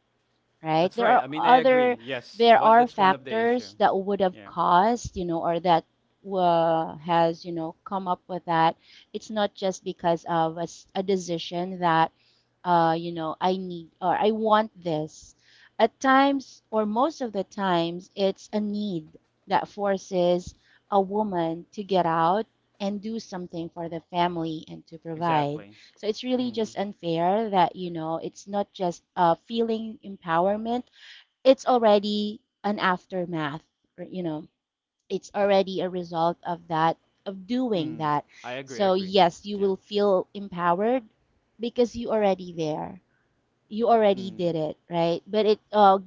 [SPEAKER 2] right?
[SPEAKER 1] That's
[SPEAKER 2] There
[SPEAKER 1] right,
[SPEAKER 2] are
[SPEAKER 1] I mean I agree,
[SPEAKER 2] other,
[SPEAKER 1] yes
[SPEAKER 2] there
[SPEAKER 1] one,
[SPEAKER 2] are
[SPEAKER 1] that's one of the issue,
[SPEAKER 2] factors that would have
[SPEAKER 1] yeah,
[SPEAKER 2] caused, you know, or that has, you know, come up with that. It's not just because of a, s- a decision that, you know, I need or I want this. At times, or most of the times, it's a need that forces a woman to get out and do something for the family and to provide.
[SPEAKER 1] exactly.
[SPEAKER 2] So it's really
[SPEAKER 1] Mm-hmm.
[SPEAKER 2] just unfair that, you know, it's not just feeling empowerment, it's already an aftermath, or, you know, it's already a result of that, of doing
[SPEAKER 1] Mm.
[SPEAKER 2] that.
[SPEAKER 1] I agree,
[SPEAKER 2] So,
[SPEAKER 1] agree.
[SPEAKER 2] yes, you
[SPEAKER 1] Yeah.
[SPEAKER 2] will feel empowered because you already there, you already
[SPEAKER 1] Mm-hmm.
[SPEAKER 2] did it, right? But it uh,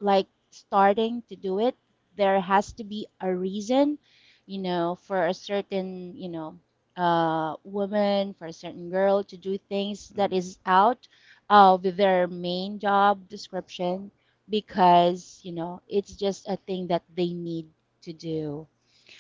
[SPEAKER 2] like starting to do it, there has to be a reason, you know, for a certain, you know, uh, woman, for a certain girl to do things that is out of their main job description, because, you know, it's just a thing that they need to do.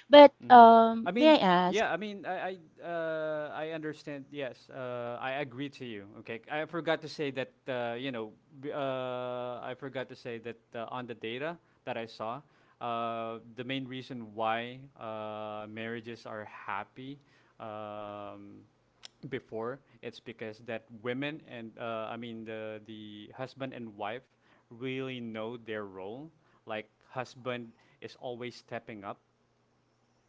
[SPEAKER 2] But
[SPEAKER 1] Mhm.
[SPEAKER 2] um,
[SPEAKER 1] I
[SPEAKER 2] may I
[SPEAKER 1] mean,
[SPEAKER 2] ask?
[SPEAKER 1] yeah, I mean, I understand. Yes, I agree to you. Okay, I forgot to say that. I forgot to say that on the data that I saw, the main reason why marriages are happy um, before it's because that women and I mean the husband and wife really know their role. Like husband is always stepping up,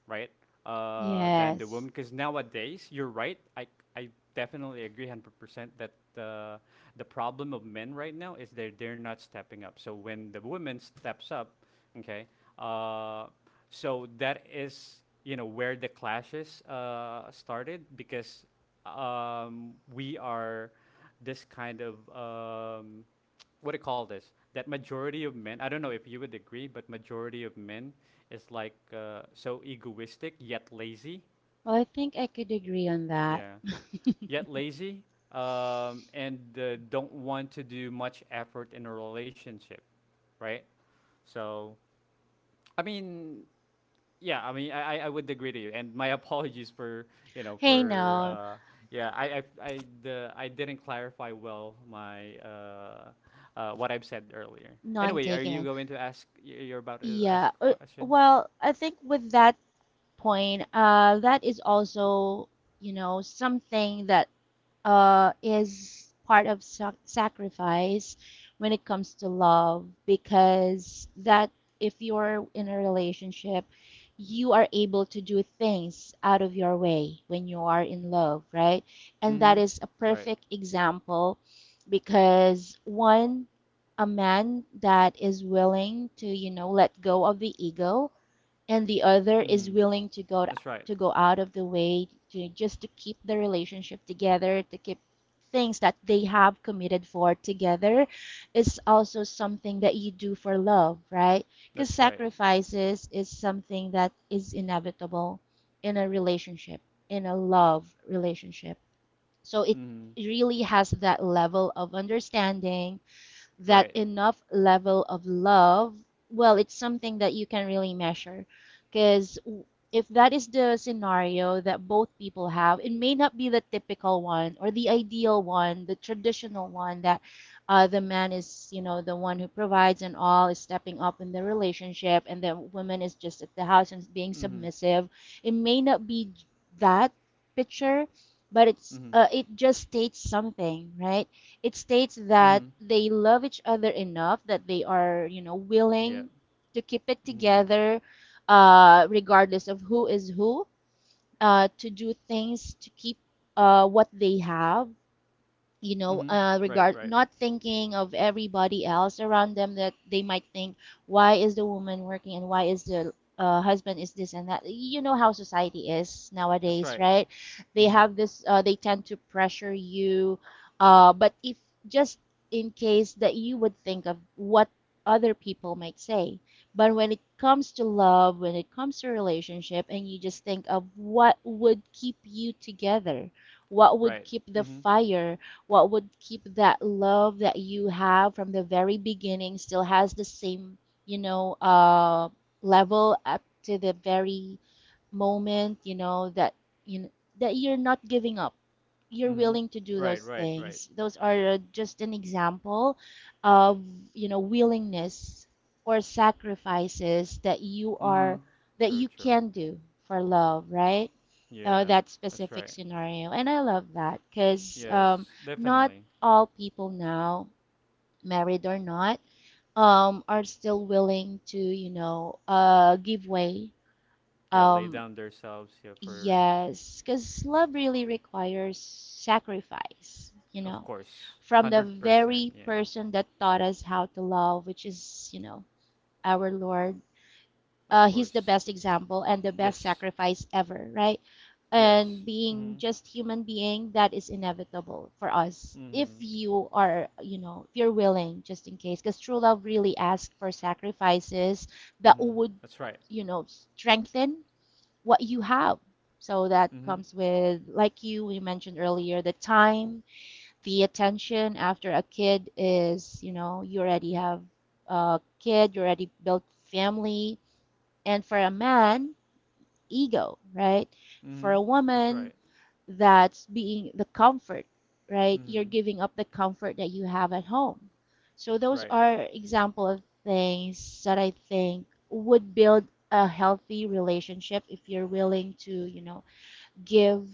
[SPEAKER 1] right? Than the woman,
[SPEAKER 2] Yes.
[SPEAKER 1] because nowadays you're right. I definitely agree 100% that uh, the problem of men right now is they're not stepping up. So when the woman steps up, okay, uh, so that is, you know, where the clashes started because we are this kind of what do you call this? That majority of men, I don't know if you would agree, but majority of men is like so egoistic yet lazy.
[SPEAKER 2] Well, I think I could agree on that.
[SPEAKER 1] Yeah, yet lazy, and don't want to do much effort in a relationship, right? So I mean, yeah, I mean, I would agree to you, and my apologies for you know
[SPEAKER 2] Hey,
[SPEAKER 1] for
[SPEAKER 2] no,
[SPEAKER 1] uh, yeah, I didn't clarify well my what I've said earlier.
[SPEAKER 2] none
[SPEAKER 1] Anyway, are you
[SPEAKER 2] taken.
[SPEAKER 1] going to ask? You're about to ask
[SPEAKER 2] Yeah.
[SPEAKER 1] a
[SPEAKER 2] Uh,
[SPEAKER 1] question.
[SPEAKER 2] well, I think with that point, that is also, you know, something that is part of sacrifice when it comes to love, because that, if you're in a relationship, you are able to do things out of your way when you are in love, right? And
[SPEAKER 1] Mm-hmm.
[SPEAKER 2] that is a
[SPEAKER 1] Right.
[SPEAKER 2] perfect example, because one, a man that is willing to, you know, let go of the ego, and the other
[SPEAKER 1] Mm-hmm.
[SPEAKER 2] is willing to go to
[SPEAKER 1] That's right.
[SPEAKER 2] to go out of the way to just to keep the relationship together, to keep things that they have committed for together, is also something that you do for love, right? Because
[SPEAKER 1] That's right.
[SPEAKER 2] sacrifices is something that is inevitable in a relationship, in a love relationship. So it
[SPEAKER 1] Mm-hmm.
[SPEAKER 2] really has that level of understanding, that
[SPEAKER 1] Right.
[SPEAKER 2] enough level of love, well, it's something that you can really measure. Because if that is the scenario that both people have, it may not be the typical one, or the ideal one, the traditional one that the man is, you know, the one who provides and all is stepping up in the relationship and the woman is just at the house and being
[SPEAKER 1] Mm-hmm.
[SPEAKER 2] submissive. It may not be that picture, but it's
[SPEAKER 1] Mm-hmm.
[SPEAKER 2] it just states something, right? It states that
[SPEAKER 1] Mm-hmm.
[SPEAKER 2] they love each other enough that they are, you know,
[SPEAKER 1] Yeah.
[SPEAKER 2] willing to keep it
[SPEAKER 1] Mm-hmm.
[SPEAKER 2] together, regardless of who is who, to do things to keep what they have, you know,
[SPEAKER 1] Mm-hmm. Right.
[SPEAKER 2] regard,
[SPEAKER 1] Right.
[SPEAKER 2] not thinking of everybody else around them, that they might think, why is the woman working and why is the husband is this and that. You know how society is
[SPEAKER 1] That's
[SPEAKER 2] nowadays,
[SPEAKER 1] right.
[SPEAKER 2] right? They
[SPEAKER 1] Mm-hmm.
[SPEAKER 2] have this. They tend to pressure you. But if just in case that you would think of what other people might say, but when it comes to love, when it comes to relationship, and you just think of what would keep you together, what would
[SPEAKER 1] Right.
[SPEAKER 2] keep the
[SPEAKER 1] Mm-hmm.
[SPEAKER 2] fire, what would keep that love that you have from the very beginning still has the same, you know, level up to the very moment, you know, that, you know, that you're not giving up, you're
[SPEAKER 1] Mm-hmm.
[SPEAKER 2] willing to do
[SPEAKER 1] Right.
[SPEAKER 2] those
[SPEAKER 1] Right. Right.
[SPEAKER 2] things. Those are just an example of, you know, willingness or sacrifices that you
[SPEAKER 1] Mm-hmm.
[SPEAKER 2] are, that
[SPEAKER 1] True.
[SPEAKER 2] you
[SPEAKER 1] True.
[SPEAKER 2] can do for love, right?
[SPEAKER 1] Yeah,
[SPEAKER 2] That
[SPEAKER 1] that's right.
[SPEAKER 2] specific scenario, and I love that because
[SPEAKER 1] Yes,
[SPEAKER 2] not
[SPEAKER 1] definitely.
[SPEAKER 2] all people now, married or not, are still willing to, you know, give way.
[SPEAKER 1] Yeah, lay
[SPEAKER 2] Um,
[SPEAKER 1] down themselves. Yeah, for
[SPEAKER 2] Yes, because love really requires sacrifice, you
[SPEAKER 1] of
[SPEAKER 2] know,
[SPEAKER 1] course,
[SPEAKER 2] from the
[SPEAKER 1] 100%.
[SPEAKER 2] very
[SPEAKER 1] Yeah,
[SPEAKER 2] person that taught us how to love, which is, you know, our Lord.
[SPEAKER 1] of
[SPEAKER 2] He's the
[SPEAKER 1] course.
[SPEAKER 2] best example and the best
[SPEAKER 1] Yes,
[SPEAKER 2] sacrifice ever, right?
[SPEAKER 1] yes.
[SPEAKER 2] And being
[SPEAKER 1] Mhm,
[SPEAKER 2] just human being, that is inevitable for us if
[SPEAKER 1] mhm,
[SPEAKER 2] you are, you know, if you're willing, just in case, because true love really asks for sacrifices that
[SPEAKER 1] mhm.
[SPEAKER 2] would,
[SPEAKER 1] That's right.
[SPEAKER 2] you know, strengthen what you have. So that
[SPEAKER 1] Mhm,
[SPEAKER 2] comes with, like you, we mentioned earlier, the time, the attention after a kid is, you know, you already have a kid, you already built family. And for a man, ego, right? For
[SPEAKER 1] mhm.
[SPEAKER 2] a
[SPEAKER 1] That's right.
[SPEAKER 2] woman, that's being the comfort, right? You're
[SPEAKER 1] Mhm.
[SPEAKER 2] giving up the comfort that you have at home. So those
[SPEAKER 1] Right.
[SPEAKER 2] are example of things that I think would build a healthy relationship if you're willing to, you know, give,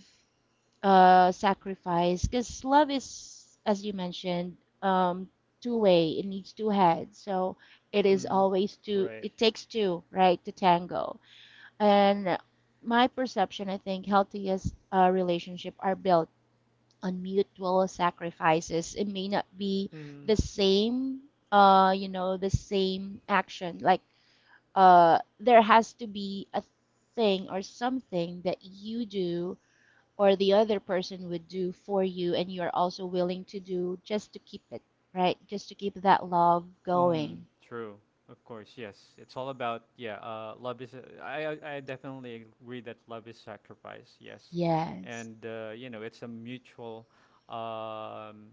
[SPEAKER 2] sacrifice. Because love is, as you mentioned, um, two way. It needs two heads. So it is
[SPEAKER 1] Mhm.
[SPEAKER 2] always two.
[SPEAKER 1] Right.
[SPEAKER 2] It takes two, right, to tango. And my perception, I think, healthiest relationship are built on mutual sacrifices. It may not be
[SPEAKER 1] Mhm.
[SPEAKER 2] the same, you know, the same action. Like, there has to be a thing or something that you do or the other person would do for you and you're also willing to do just to keep it, right? Just to keep that love
[SPEAKER 1] Mm,
[SPEAKER 2] going.
[SPEAKER 1] true. Of course, yes. It's all about yeah. Love is. I definitely agree that love is sacrifice. Yes,
[SPEAKER 2] Yes.
[SPEAKER 1] and you know it's a mutual, um,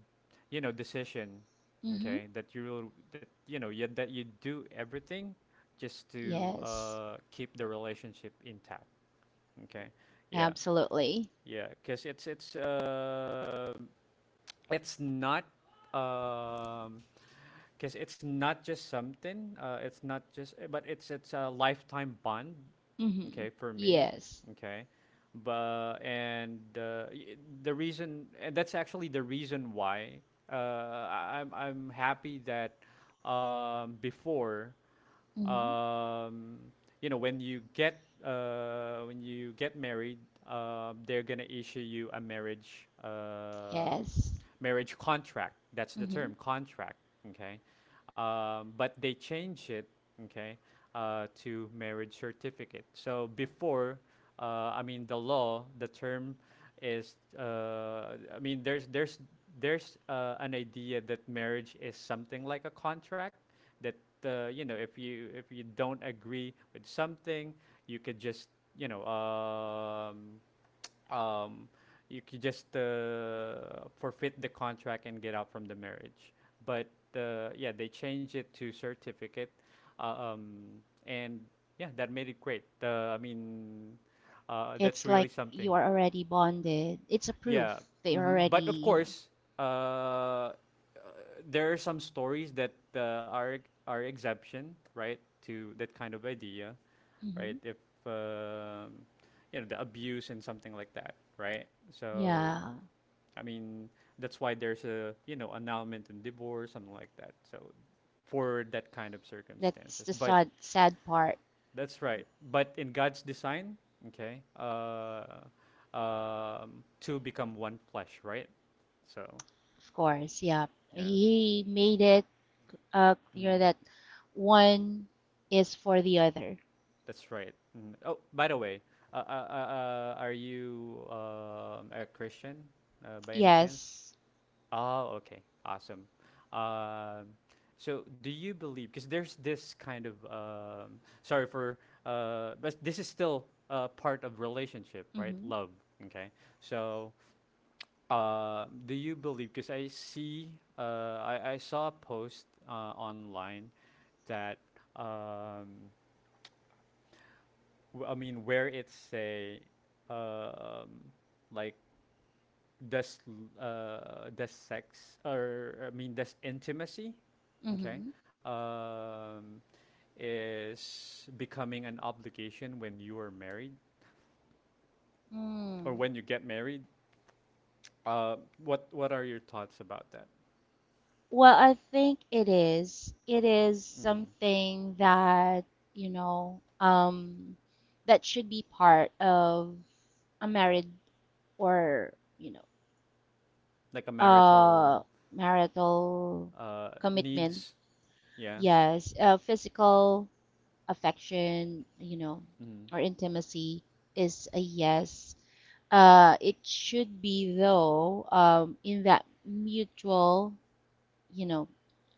[SPEAKER 1] you know, decision.
[SPEAKER 2] Mm-hmm.
[SPEAKER 1] Okay, that you will, that you know, yet that you do everything, just to
[SPEAKER 2] Yes.
[SPEAKER 1] keep the relationship intact. Okay, yeah,
[SPEAKER 2] Absolutely.
[SPEAKER 1] yeah. Because it's not um because it's not just something. It's not just, but It's a lifetime bond.
[SPEAKER 2] Mm-hmm.
[SPEAKER 1] Okay, for me.
[SPEAKER 2] Yes.
[SPEAKER 1] Okay, but the reason, and that's actually the reason why uh, I'm happy that before
[SPEAKER 2] Mm-hmm.
[SPEAKER 1] um, you know, when you get married, they're gonna issue you a marriage
[SPEAKER 2] Yes.
[SPEAKER 1] marriage contract. That's the
[SPEAKER 2] Mm-hmm.
[SPEAKER 1] term, contract. Okay. But they change it, okay, to marriage certificate. So before, I mean the law, the term is, I mean, there's an idea that marriage is something like a contract that you know, if you, if you don't agree with something, you could just, you know, um, you could just forfeit the contract and get out from the marriage. But yeah, they changed it to certificate. uh, um, and yeah, that made it great. That's
[SPEAKER 2] It's
[SPEAKER 1] really
[SPEAKER 2] like
[SPEAKER 1] something.
[SPEAKER 2] you are already bonded. It's a
[SPEAKER 1] Yeah.
[SPEAKER 2] proof that you're
[SPEAKER 1] Hmm.
[SPEAKER 2] already,
[SPEAKER 1] But of
[SPEAKER 2] you know.
[SPEAKER 1] course, uh, uh, there are some stories that are exemption, right, to that kind of idea, right?
[SPEAKER 2] Mm-hmm.
[SPEAKER 1] If um you know, the abuse and something like that, right? So
[SPEAKER 2] Yeah.
[SPEAKER 1] I mean, that's why there's a, you know, annulment and divorce, something like that. So for that kind of
[SPEAKER 2] That's
[SPEAKER 1] circumstances,
[SPEAKER 2] the
[SPEAKER 1] but
[SPEAKER 2] sad sad part,
[SPEAKER 1] that's right. But in God's design, okay, two become one flesh, right? So,
[SPEAKER 2] of course. Yeah.
[SPEAKER 1] yes,
[SPEAKER 2] He made it
[SPEAKER 1] mm,
[SPEAKER 2] clear that one is for the other.
[SPEAKER 1] that's right. Mm. Oh, by the way, uh, uh, uh, are you a Christian by any chance?
[SPEAKER 2] Yes.
[SPEAKER 1] Oh, okay, awesome. Um, so, do you believe? Because there's this kind of, sorry for, but this is still part of relationship, right?
[SPEAKER 2] Mm-hmm.
[SPEAKER 1] Love. Okay, so do you believe? Because I see, I saw a post online that, um, I mean, where it say, uh, um, like, does sex, or I mean, does intimacy, okay,
[SPEAKER 2] Mm-hmm.
[SPEAKER 1] um, is becoming an obligation when you are married or
[SPEAKER 2] Mm.
[SPEAKER 1] when you get married? Uh, what are your thoughts about that?
[SPEAKER 2] Well, I think it is. It is
[SPEAKER 1] Mm.
[SPEAKER 2] something that, you know, that should be part of a married, or, you know,
[SPEAKER 1] Like a
[SPEAKER 2] uh,
[SPEAKER 1] marital
[SPEAKER 2] marital commitment.
[SPEAKER 1] needs. Yeah.
[SPEAKER 2] Yes, physical affection, you know,
[SPEAKER 1] Mm.
[SPEAKER 2] or intimacy is a yes. It should be though, in that mutual, you know,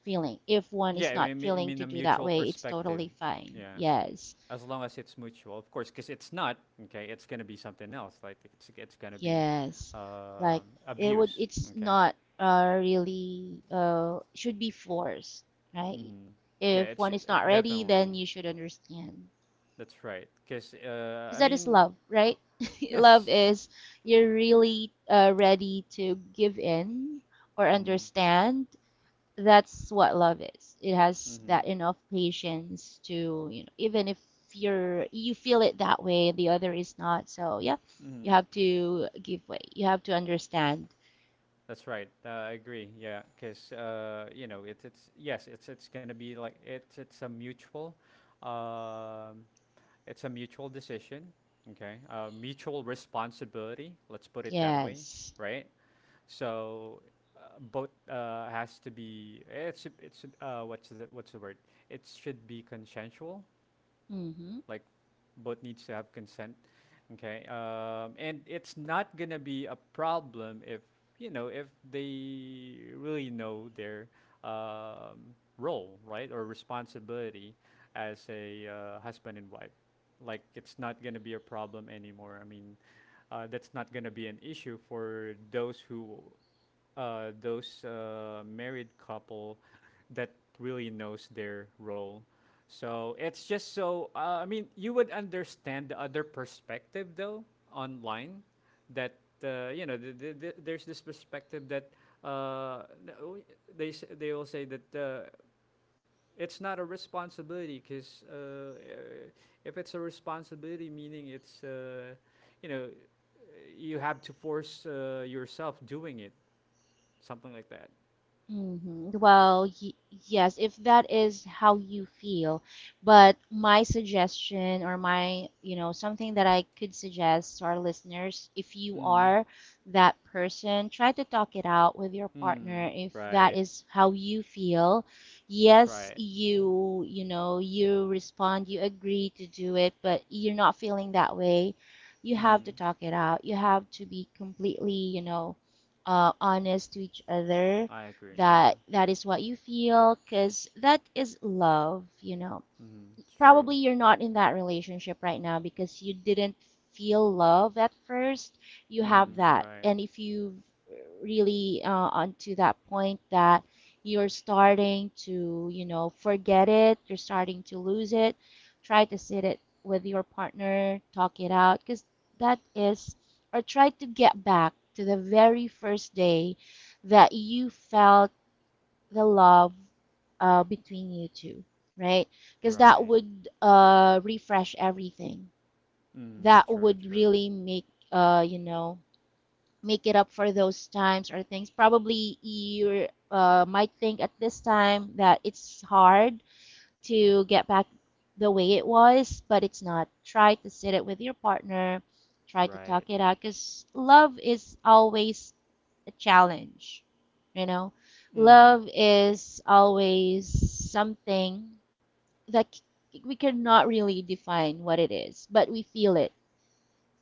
[SPEAKER 2] feeling. If one
[SPEAKER 1] Yeah,
[SPEAKER 2] is not
[SPEAKER 1] I
[SPEAKER 2] feeling
[SPEAKER 1] mean a
[SPEAKER 2] to do that
[SPEAKER 1] mutual
[SPEAKER 2] way, it's
[SPEAKER 1] perspective.
[SPEAKER 2] totally fine.
[SPEAKER 1] Yeah.
[SPEAKER 2] Yes.
[SPEAKER 1] As long as it's mutual, of course, because it's not okay. It's gonna be something else. Like it's gonna be
[SPEAKER 2] Yes. Like it would,
[SPEAKER 1] abuse.
[SPEAKER 2] it's
[SPEAKER 1] Okay.
[SPEAKER 2] not really should be forced, right?
[SPEAKER 1] Mm-hmm. Yeah,
[SPEAKER 2] If
[SPEAKER 1] it's
[SPEAKER 2] one is not ready,
[SPEAKER 1] definitely,
[SPEAKER 2] then you should understand.
[SPEAKER 1] that's right. Because
[SPEAKER 2] Because
[SPEAKER 1] I
[SPEAKER 2] that is
[SPEAKER 1] mean,
[SPEAKER 2] love, right? Love
[SPEAKER 1] yes.
[SPEAKER 2] is you're really ready to give in or
[SPEAKER 1] Mm.
[SPEAKER 2] understand. That's what love is. It has
[SPEAKER 1] Mm-hmm.
[SPEAKER 2] that enough patience to, you know, even if you're, you feel it that way, the other is not. So yeah,
[SPEAKER 1] Mm-hmm.
[SPEAKER 2] you have to give way. You have to understand.
[SPEAKER 1] That's right. I agree. Yeah, because you know, it's yes, it's gonna be like it's a mutual. Um, It's a mutual decision, okay? Mutual responsibility, let's put it that way,
[SPEAKER 2] Yes.
[SPEAKER 1] right? So both has to be, it's what's the word? It should be consensual,
[SPEAKER 2] Mm-hmm.
[SPEAKER 1] like both needs to have consent, okay? And it's not gonna be a problem if you know, if they really know their um, role, right, or responsibility as a husband and wife. Like it's not gonna be a problem anymore. I mean, that's not gonna be an issue for those who, those married couple that really knows their role. So it's just so. I mean, you would understand the other perspective though online, that you know, there's this perspective that uh, n- w- they they will say that it's not a responsibility because if it's a responsibility, meaning it's, you know, you have to force yourself doing it, something like that.
[SPEAKER 2] hmm Well, y yes, if that is how you feel, but my suggestion, or my, you know, something that I could suggest to our listeners, if you
[SPEAKER 1] Mm.
[SPEAKER 2] are that person, try to talk it out with your
[SPEAKER 1] Mm.
[SPEAKER 2] partner if that
[SPEAKER 1] Right.
[SPEAKER 2] is how you feel.
[SPEAKER 1] That's
[SPEAKER 2] Yes,
[SPEAKER 1] right.
[SPEAKER 2] you know, you respond, you agree to do it, but you're not feeling that way. You have to
[SPEAKER 1] Mm.
[SPEAKER 2] talk it out. You have to be completely, you know, honest to each other
[SPEAKER 1] I agree, yeah.
[SPEAKER 2] that that is what you feel, because that is love, you know,
[SPEAKER 1] Mm. True.
[SPEAKER 2] probably you're not in that relationship right now because you didn't feel love at first, you have
[SPEAKER 1] Mm.
[SPEAKER 2] that.
[SPEAKER 1] Right.
[SPEAKER 2] And if you really onto that point that you're starting to, you know, forget it, you're starting to lose it, try to sit it with your partner, talk it out, because that is, or try to get back to the very first day that you felt the love between you two, right? Because that
[SPEAKER 1] Right.
[SPEAKER 2] would refresh everything.
[SPEAKER 1] Mm.
[SPEAKER 2] That
[SPEAKER 1] True.
[SPEAKER 2] would
[SPEAKER 1] True.
[SPEAKER 2] really make you know, make it up for those times or things. Probably you might think at this time that it's hard to get back the way it was, but it's not. Try to sit it with your partner, try to
[SPEAKER 1] Right.
[SPEAKER 2] talk it out because love is always a challenge, you know?
[SPEAKER 1] Mm.
[SPEAKER 2] Love is always something that we cannot really define what it is, but we feel it.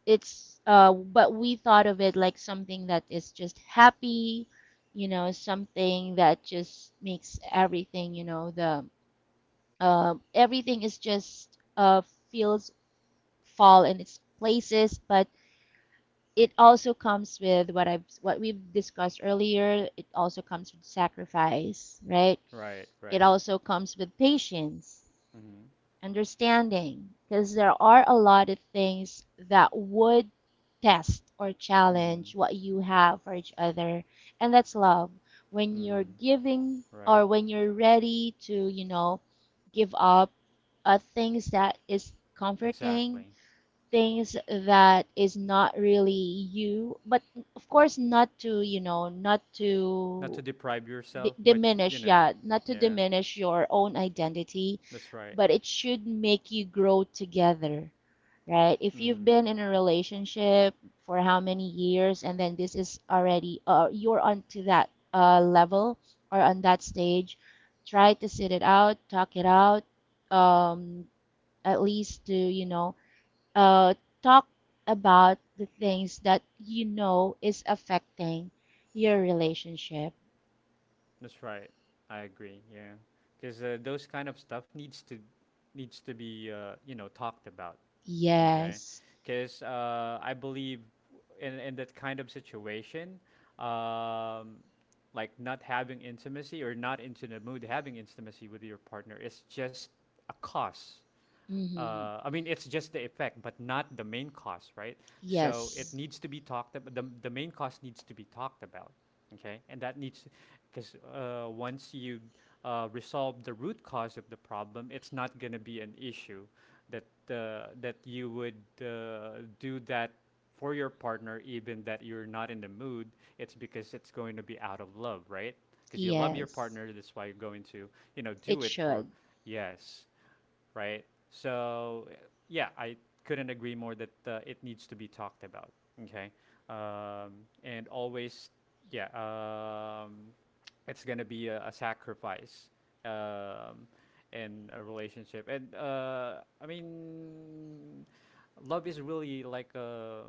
[SPEAKER 2] It's But we thought of it like something that is just happy, something that just makes everything, the everything is just feels fall in its places, but it also comes with what we've discussed earlier. It also comes with sacrifice, right?
[SPEAKER 1] Right.
[SPEAKER 2] It
[SPEAKER 1] Right.
[SPEAKER 2] also comes with patience
[SPEAKER 1] Mm.
[SPEAKER 2] understanding because there are a lot of things that would test or
[SPEAKER 1] Mm.
[SPEAKER 2] challenge what you have for each other, and that's love when you're
[SPEAKER 1] Mm.
[SPEAKER 2] giving
[SPEAKER 1] Right.
[SPEAKER 2] or when you're ready to, give up things that is comforting,
[SPEAKER 1] Exactly.
[SPEAKER 2] things that is not really you, but of course not to, not
[SPEAKER 1] Not to
[SPEAKER 2] to
[SPEAKER 1] deprive yourself, but you
[SPEAKER 2] diminish,
[SPEAKER 1] know,
[SPEAKER 2] yeah, not to
[SPEAKER 1] yeah,
[SPEAKER 2] diminish your own identity,
[SPEAKER 1] that's right.
[SPEAKER 2] but it should make you grow together, right? If you've
[SPEAKER 1] Mm-hmm.
[SPEAKER 2] been in a relationship for how many years and then this is already, you're onto that level or on that stage, try to sit it out, talk it out, um, at least to, you know, uh, talk about the things that you know is affecting your relationship.
[SPEAKER 1] That's right. I agree. Yeah, because those kind of stuff needs to, needs to be, you know, talked about. Okay,
[SPEAKER 2] Yes.
[SPEAKER 1] because I believe in that kind of situation, um, like not having intimacy or not into the mood having intimacy with your partner is just a cause,
[SPEAKER 2] Mm-hmm.
[SPEAKER 1] I mean, it's just the effect, but not the main cause, right? So it
[SPEAKER 2] Yes.
[SPEAKER 1] needs to be talked about. The main cause needs to be talked about, okay? And that needs, because once you resolve the root cause of the problem, it's not going to be an issue that that you would do that for your partner, even that you're not in the mood. It's because it's going to be out of love, right? Because you love your
[SPEAKER 2] Yes.
[SPEAKER 1] partner, that's why you're going to, you know,
[SPEAKER 2] It
[SPEAKER 1] do it for.
[SPEAKER 2] should.
[SPEAKER 1] Yes, right? So yeah, I couldn't agree more that it needs to be talked about. Okay, um, and always, yeah, it's gonna be a sacrifice um, in a relationship, and I mean, love is really like a,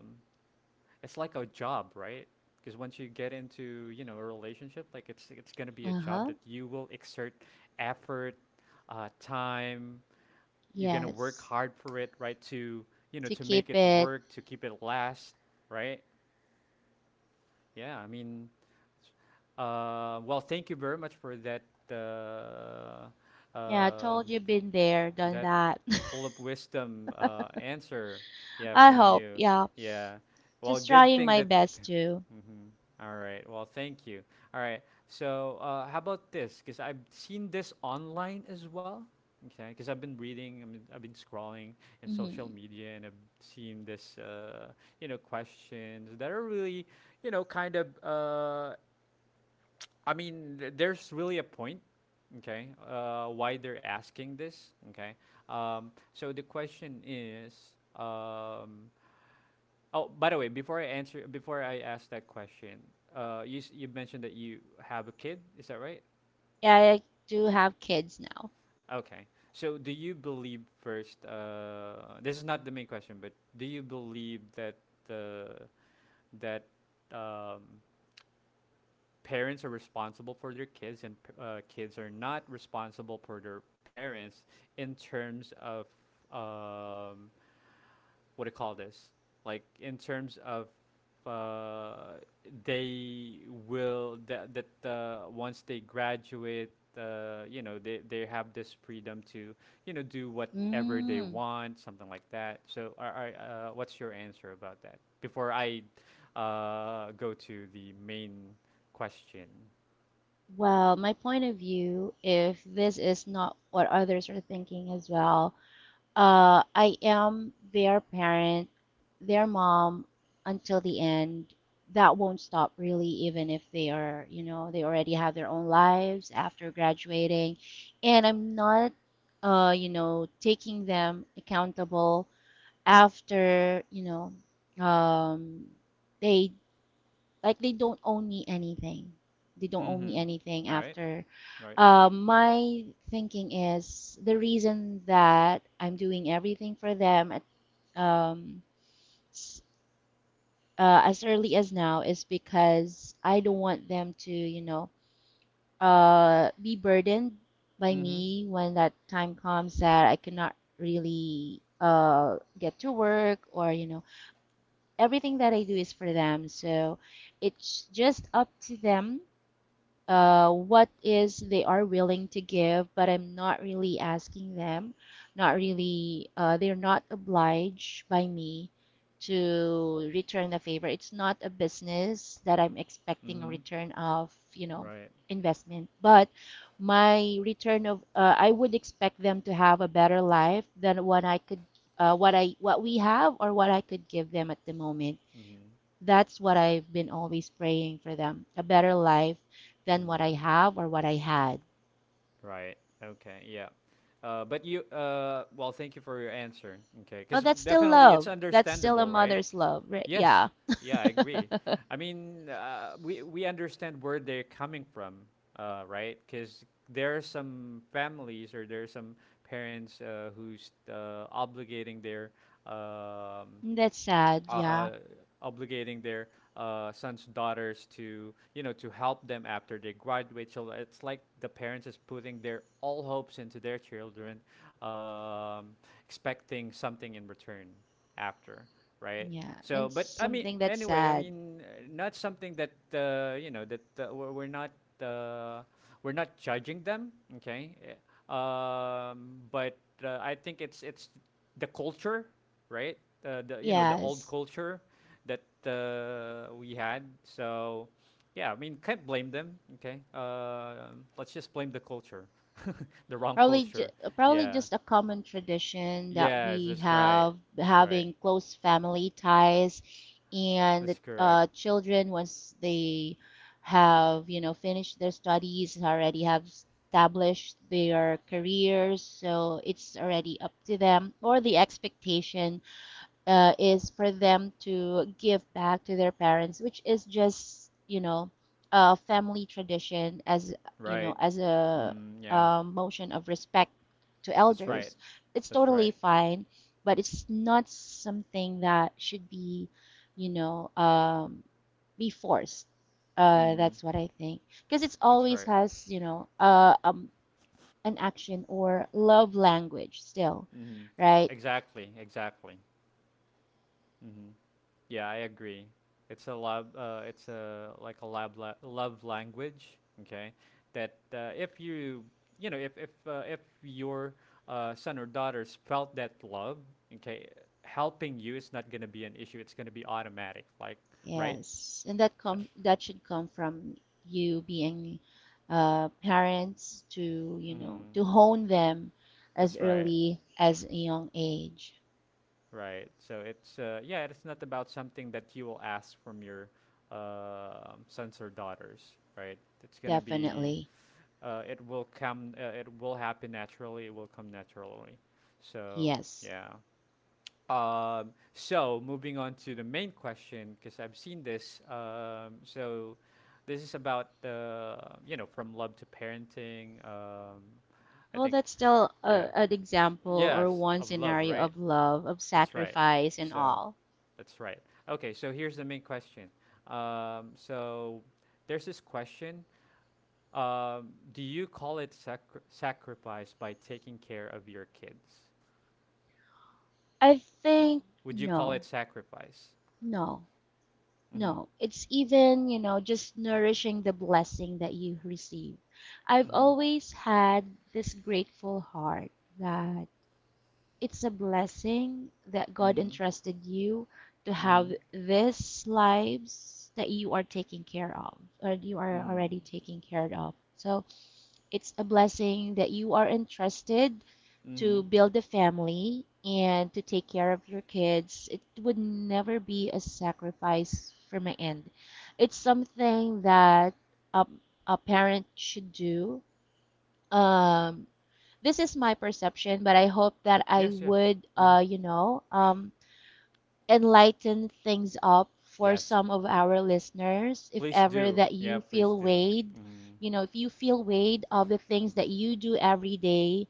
[SPEAKER 1] it's like a job, right? Because once you get into, you know, a relationship, like it's gonna be a job
[SPEAKER 2] Uh-huh.
[SPEAKER 1] that you will exert effort, time, you're gonna work
[SPEAKER 2] Yes.
[SPEAKER 1] hard for it, right? To, you know,
[SPEAKER 2] To
[SPEAKER 1] to make
[SPEAKER 2] keep
[SPEAKER 1] it
[SPEAKER 2] it.
[SPEAKER 1] work, to keep it last, right? Yeah, I mean, well, thank you very much for that uh,
[SPEAKER 2] Yeah, I told
[SPEAKER 1] um,
[SPEAKER 2] you, been there, done
[SPEAKER 1] that
[SPEAKER 2] that.
[SPEAKER 1] full of wisdom answer, yeah,
[SPEAKER 2] I
[SPEAKER 1] from
[SPEAKER 2] hope.
[SPEAKER 1] you.
[SPEAKER 2] Yeah.
[SPEAKER 1] Yeah, well,
[SPEAKER 2] Just
[SPEAKER 1] good
[SPEAKER 2] trying
[SPEAKER 1] thing
[SPEAKER 2] my
[SPEAKER 1] that
[SPEAKER 2] best to.
[SPEAKER 1] Mhm. All right, well, thank you. All right, so how about this, because I've seen this online as well, okay, because I've been reading, I mean, I've been scrolling in social
[SPEAKER 2] Mm-hmm.
[SPEAKER 1] media and I've seen this, you know, questions that are really, you know, kind of, I mean, there's really a point, okay, why they're asking this, okay. So the question is, um, oh, by the way, before I answer, before I ask that question, you mentioned that you have a kid, is that right?
[SPEAKER 2] Yeah, I do have kids now.
[SPEAKER 1] Okay. So do you believe first? This is not the main question, but do you believe that the that um, parents are responsible for their kids and kids are not responsible for their parents in terms of, um, what do you call this, like in terms of, uh, they will that once they graduate, you know, they have this freedom to, you know, do whatever they
[SPEAKER 2] Mm.
[SPEAKER 1] want, something like that. So are, what's your answer about that before I go to the main question?
[SPEAKER 2] Well, my point of view, if this is not what others are thinking as well, uh, I am their parent, their mom until the end. That won't stop really, even if they are, you know, they already have their own lives after graduating. And I'm not, You know, taking them accountable after, you know, they like they don't own me anything. They don't own me anything
[SPEAKER 1] Mm-hmm. All right.
[SPEAKER 2] after.
[SPEAKER 1] Right. Right.
[SPEAKER 2] My thinking is the reason that I'm doing everything for them at um, s- as early as now is because I don't want them to, you know, be burdened by
[SPEAKER 1] Mm-hmm.
[SPEAKER 2] me when that time comes that I cannot really get to work or, you know, everything that I do is for them. So it's just up to them, what is they are willing to give, but I'm not really asking them, not really, they're not obliged by me to return the favor. It's not a business that I'm expecting a
[SPEAKER 1] Mm-hmm.
[SPEAKER 2] return of, you know,
[SPEAKER 1] Right.
[SPEAKER 2] investment, but my return of, I would expect them to have a better life than what I could, what we have or what I could give them at the moment.
[SPEAKER 1] Mm-hmm.
[SPEAKER 2] That's what I've been always praying for them, a better life than what
[SPEAKER 1] Mm.
[SPEAKER 2] I have or what I had.
[SPEAKER 1] Right. Okay. Yeah. But you. Well, thank you for your answer. Okay.
[SPEAKER 2] Oh,
[SPEAKER 1] Because
[SPEAKER 2] that's still
[SPEAKER 1] definitely it's
[SPEAKER 2] love. That's still a
[SPEAKER 1] understandable, right?
[SPEAKER 2] mother's love. Right?
[SPEAKER 1] Yes.
[SPEAKER 2] Yeah.
[SPEAKER 1] Yeah. I agree. I mean, we understand where they're coming from. Right. Because there are some families, or there are some parents who's um,
[SPEAKER 2] That's sad.
[SPEAKER 1] uh,
[SPEAKER 2] Yeah.
[SPEAKER 1] uh, obligating their sons, daughters to, you know, to help them after they graduate. So it's like the parents is putting their all hopes into their children, um, expecting something in return after, right.
[SPEAKER 2] Yeah.
[SPEAKER 1] So
[SPEAKER 2] It's
[SPEAKER 1] but I mean
[SPEAKER 2] something that's
[SPEAKER 1] anyway, I
[SPEAKER 2] sad.
[SPEAKER 1] mean, not something that you know that we're not uh, we're not judging them. Okay. But I think it's the culture, right. The, you know, the old
[SPEAKER 2] Yes.
[SPEAKER 1] culture that we had. So, yeah, I mean, can't blame them. Okay, let's just blame the culture, the wrong
[SPEAKER 2] Probably, ju-
[SPEAKER 1] culture.
[SPEAKER 2] Probably
[SPEAKER 1] Yeah,
[SPEAKER 2] just a common tradition that
[SPEAKER 1] yes,
[SPEAKER 2] we
[SPEAKER 1] that's right.
[SPEAKER 2] have,
[SPEAKER 1] That's right.
[SPEAKER 2] having close family ties, and
[SPEAKER 1] That's correct.
[SPEAKER 2] children once they have, you know, finished their studies, already have established their careers, so it's already up to them, or the expectation is for them to give back to their parents, which is just, you know, a family tradition as, you know,
[SPEAKER 1] Right.
[SPEAKER 2] as a,
[SPEAKER 1] Mm, yeah,
[SPEAKER 2] uh, motion of respect to
[SPEAKER 1] that's right.
[SPEAKER 2] elders. It's
[SPEAKER 1] That's
[SPEAKER 2] totally
[SPEAKER 1] right.
[SPEAKER 2] fine, but it's not something that should be, you know, be forced.
[SPEAKER 1] Mm,
[SPEAKER 2] That's what I think because it's
[SPEAKER 1] that's
[SPEAKER 2] always
[SPEAKER 1] right.
[SPEAKER 2] has, you know, an action or love language still,
[SPEAKER 1] Mm,
[SPEAKER 2] right?
[SPEAKER 1] exactly. Exactly. Mm-hmm. Yeah, I agree. It's a love. It's a, like a love language. Okay, that if you, you know, if your son or daughters felt that love, okay, helping you is not gonna be an issue. It's gonna be automatic. Like right.
[SPEAKER 2] Yes, and that
[SPEAKER 1] So
[SPEAKER 2] come that should come from you being, parents to, you know,
[SPEAKER 1] mm,
[SPEAKER 2] to hone them as
[SPEAKER 1] that's right.
[SPEAKER 2] early as a young age.
[SPEAKER 1] Right. So it's yeah. It's not about something that you will ask from your sons or daughters. Right. It's gonna be
[SPEAKER 2] Definitely.
[SPEAKER 1] it will come, it will happen naturally, it will come naturally. So
[SPEAKER 2] Yes.
[SPEAKER 1] yeah. So moving on to the main question, because I've seen this, so this is about you know, from love to parenting. I
[SPEAKER 2] Well,
[SPEAKER 1] think,
[SPEAKER 2] that's still
[SPEAKER 1] yeah,
[SPEAKER 2] a, an example or
[SPEAKER 1] yes,
[SPEAKER 2] one
[SPEAKER 1] of love,
[SPEAKER 2] scenario
[SPEAKER 1] right.
[SPEAKER 2] of love, of
[SPEAKER 1] That's right.
[SPEAKER 2] sacrifice and
[SPEAKER 1] So
[SPEAKER 2] all.
[SPEAKER 1] that's right. Okay, so here's the main question. So there's this question. Do you call it sacrifice by taking care of your kids?
[SPEAKER 2] I
[SPEAKER 1] W-
[SPEAKER 2] think
[SPEAKER 1] Would you call
[SPEAKER 2] no.
[SPEAKER 1] it sacrifice?
[SPEAKER 2] No.
[SPEAKER 1] Mhm.
[SPEAKER 2] No, it's even, you know, just nourishing the blessing that you receive. I've
[SPEAKER 1] Mhm.
[SPEAKER 2] always had this grateful heart that it's a blessing that God
[SPEAKER 1] Mhm.
[SPEAKER 2] entrusted you to have
[SPEAKER 1] Mhm.
[SPEAKER 2] these lives that you are taking care of or you are
[SPEAKER 1] Mhm.
[SPEAKER 2] already taking care of. So it's a blessing that you are entrusted to
[SPEAKER 1] Mhm.
[SPEAKER 2] build a family and to take care of your kids. It would never be a sacrifice from my end. It's something that a, a parent should do. Um, this is my perception, but I hope that I
[SPEAKER 1] Yes, yes.
[SPEAKER 2] would,
[SPEAKER 1] Mhm.
[SPEAKER 2] you know, enlighten things up for
[SPEAKER 1] Yes,
[SPEAKER 2] some of our listeners if
[SPEAKER 1] please
[SPEAKER 2] ever
[SPEAKER 1] do.
[SPEAKER 2] that
[SPEAKER 1] Yeah,
[SPEAKER 2] you
[SPEAKER 1] please
[SPEAKER 2] feel
[SPEAKER 1] do.
[SPEAKER 2] weighed,
[SPEAKER 1] Mhm.
[SPEAKER 2] you know, if you feel weighed of the things that you do every day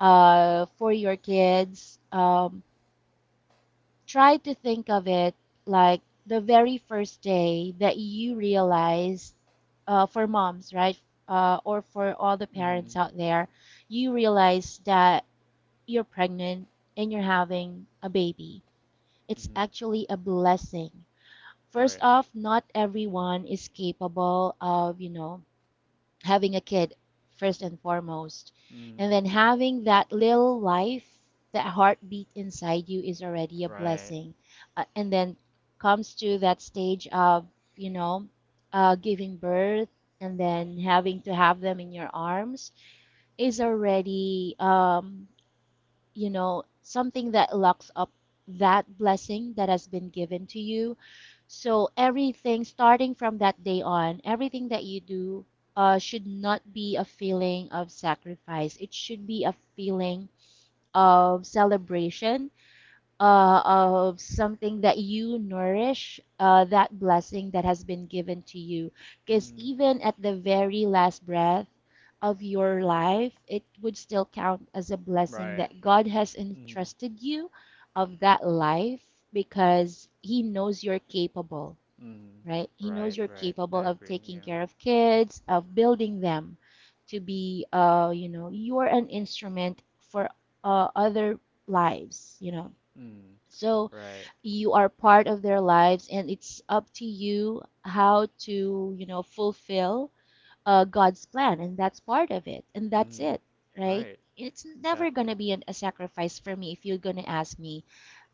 [SPEAKER 2] for your kids, try to think of it like the very first day that you realized, for moms, right, or for all the parents
[SPEAKER 1] Mhm.
[SPEAKER 2] out there, you realize that you're pregnant and you're having a baby, it's
[SPEAKER 1] Mhm.
[SPEAKER 2] actually a blessing. First
[SPEAKER 1] Right.
[SPEAKER 2] off, not everyone is capable of, you know, having a kid first and foremost. And
[SPEAKER 1] Mhm.
[SPEAKER 2] then having that little life, that heartbeat inside you is already a
[SPEAKER 1] Right.
[SPEAKER 2] blessing. And then comes to that stage of, you know, giving birth and then having to have them in your arms is already, you know, something that locks up that blessing that has been given to you. So everything starting from that day on, everything that you do should not be a feeling of sacrifice. It should be a feeling of celebration, of something that you nourish, that blessing that has been given to you. Because
[SPEAKER 1] Mhm.
[SPEAKER 2] even at the very last breath of your life, it would still count as a blessing
[SPEAKER 1] Right.
[SPEAKER 2] that God has
[SPEAKER 1] Mhm.
[SPEAKER 2] entrusted you of that life because He knows you're capable,
[SPEAKER 1] Mhm.
[SPEAKER 2] right? He knows
[SPEAKER 1] Right,
[SPEAKER 2] you're
[SPEAKER 1] right. I
[SPEAKER 2] capable of
[SPEAKER 1] agree.
[SPEAKER 2] taking
[SPEAKER 1] Yeah.
[SPEAKER 2] care of kids, of building them to be, you know, you're an instrument for other lives, you know,
[SPEAKER 1] Mhm.
[SPEAKER 2] so
[SPEAKER 1] Right.
[SPEAKER 2] you are part of their lives, and it's up to you how to, you know, fulfill God's plan, and that's part of it, and that's
[SPEAKER 1] Mhm.
[SPEAKER 2] it, right?
[SPEAKER 1] Right.
[SPEAKER 2] It's never going
[SPEAKER 1] Exactly.
[SPEAKER 2] to be an, a sacrifice for me if you're going to ask me.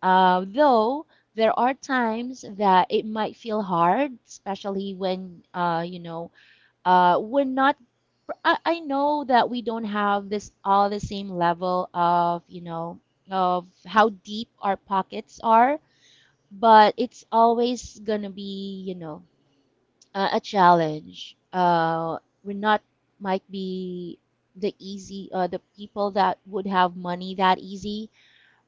[SPEAKER 2] Though there are times that it might feel hard, especially when, you know, we're not. I know that we don't have this all the same level of, you know, of how deep our pockets are, but it's always gonna be, you know, a challenge. We're not, might be the easy, the people that would have money that easy,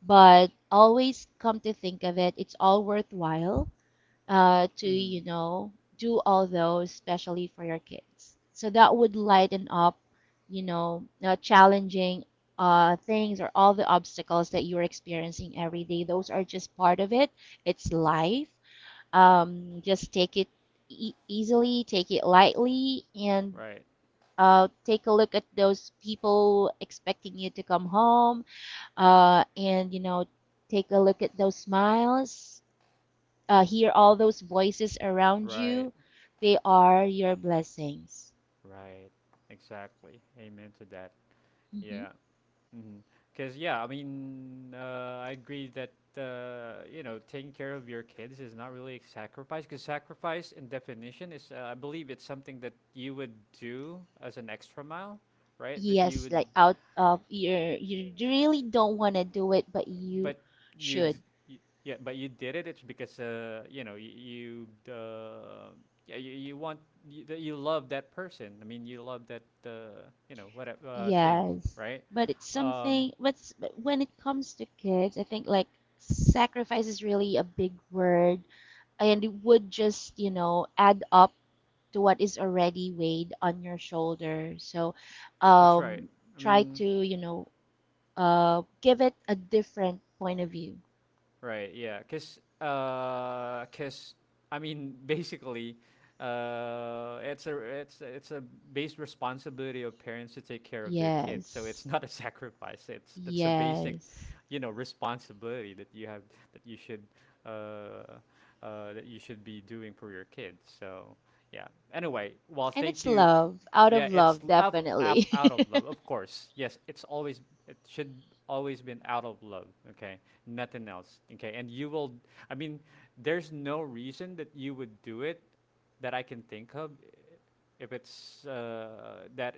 [SPEAKER 2] but always come to think of it, it's all worthwhile to, you
[SPEAKER 1] Mhm.
[SPEAKER 2] know, do all those, especially for your kids, so that would lighten up, you know, challenging things or all the obstacles that you're experiencing every day. Those are just part of it. It's life. Just take it easily, take it lightly, and
[SPEAKER 1] Right,
[SPEAKER 2] take a look at those people expecting you to come home, and you know, take a look at those smiles, hear all those voices around
[SPEAKER 1] right,
[SPEAKER 2] you, they are your blessings.
[SPEAKER 1] right. Exactly. Amen to that.
[SPEAKER 2] Hmm.
[SPEAKER 1] Yeah. Mm-hmm. 'Cause yeah, I mean, I agree that you know, taking care of your kids is not really a sacrifice. 'Cause sacrifice, in definition, is I believe it's something that you would do as an extra mile, right? That you
[SPEAKER 2] Yes,
[SPEAKER 1] would.
[SPEAKER 2] like out of your, you really don't want to do it, but you
[SPEAKER 1] But you,
[SPEAKER 2] should.
[SPEAKER 1] yeah, but you did it. It's because you know you, yeah, you, that you love that person. I mean, you love that you know, whatever things,
[SPEAKER 2] Yes.
[SPEAKER 1] right?
[SPEAKER 2] But it's
[SPEAKER 1] Um,
[SPEAKER 2] something, but when it comes to kids, I think like sacrifice is really a big word, and it would just, you know, add up to what is already weighed on your shoulder. So,
[SPEAKER 1] that's right.
[SPEAKER 2] um,
[SPEAKER 1] I
[SPEAKER 2] try
[SPEAKER 1] mean,
[SPEAKER 2] to, you know, give it a different point of view.
[SPEAKER 1] right, yeah, cause, 'cause, I mean, basically, it's a base responsibility of parents to take care of their kids. So it's
[SPEAKER 2] Yes.
[SPEAKER 1] not a sacrifice. It's, that's a basic,
[SPEAKER 2] Yes.
[SPEAKER 1] you know, responsibility that you have, that you should uh, that you should be doing for your kids. So yeah. Anyway, well,
[SPEAKER 2] And
[SPEAKER 1] thank
[SPEAKER 2] it's
[SPEAKER 1] you.
[SPEAKER 2] love, out
[SPEAKER 1] Yeah,
[SPEAKER 2] of
[SPEAKER 1] it's
[SPEAKER 2] love, definitely.
[SPEAKER 1] out of love, of course. Yes, it's always, it should always been out of love. Okay, nothing else. Okay, and you will. I mean, there's no reason that you would do it that I can think of, if it's that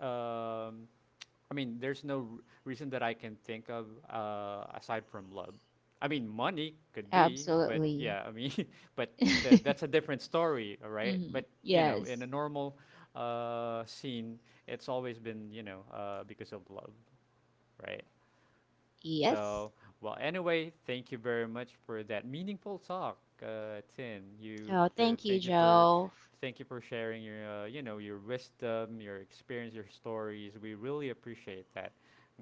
[SPEAKER 1] um, I mean, there's no reason that I can think of aside from love. I mean, money could be, but
[SPEAKER 2] Absolutely.
[SPEAKER 1] yeah, I mean, but that's a different story, all right?
[SPEAKER 2] Mhm.
[SPEAKER 1] But you know, in a
[SPEAKER 2] Yes.
[SPEAKER 1] normal scene, it's always been, you know, because of love, right?
[SPEAKER 2] Yes.
[SPEAKER 1] So, well, anyway, thank you very much for that meaningful talk, Tin. You
[SPEAKER 2] Oh, thank you,
[SPEAKER 1] thank you for,
[SPEAKER 2] Joe.
[SPEAKER 1] thank you for sharing your you know, your wisdom, your experience, your stories. We really appreciate that.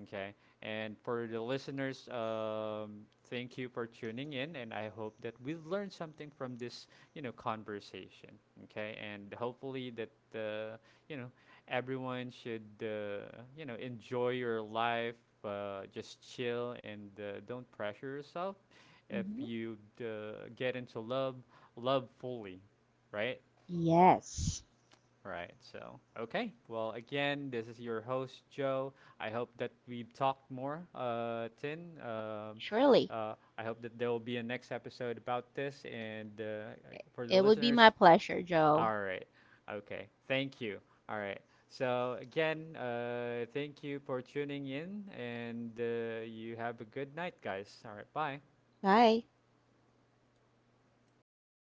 [SPEAKER 1] Okay, and for the listeners, thank you for tuning in, and I hope that we learned something from this, you know, conversation. Okay, and hopefully that you know, everyone should you know, enjoy your life, just chill and don't pressure yourself. If
[SPEAKER 2] Hmm.
[SPEAKER 1] you get into love, love fully, right,
[SPEAKER 2] Yes.
[SPEAKER 1] right. So okay, well again, this is your host, Joe. I hope that we've talked more, uh, Tin.
[SPEAKER 2] Surely.
[SPEAKER 1] I hope that there will be a next episode about this, and for the
[SPEAKER 2] It would be
[SPEAKER 1] listeners,
[SPEAKER 2] my pleasure, Joe.
[SPEAKER 1] all right. Okay. Thank you. All right. So again, thank you for tuning in, and you have a good night, guys. All right. Bye.
[SPEAKER 2] Bye.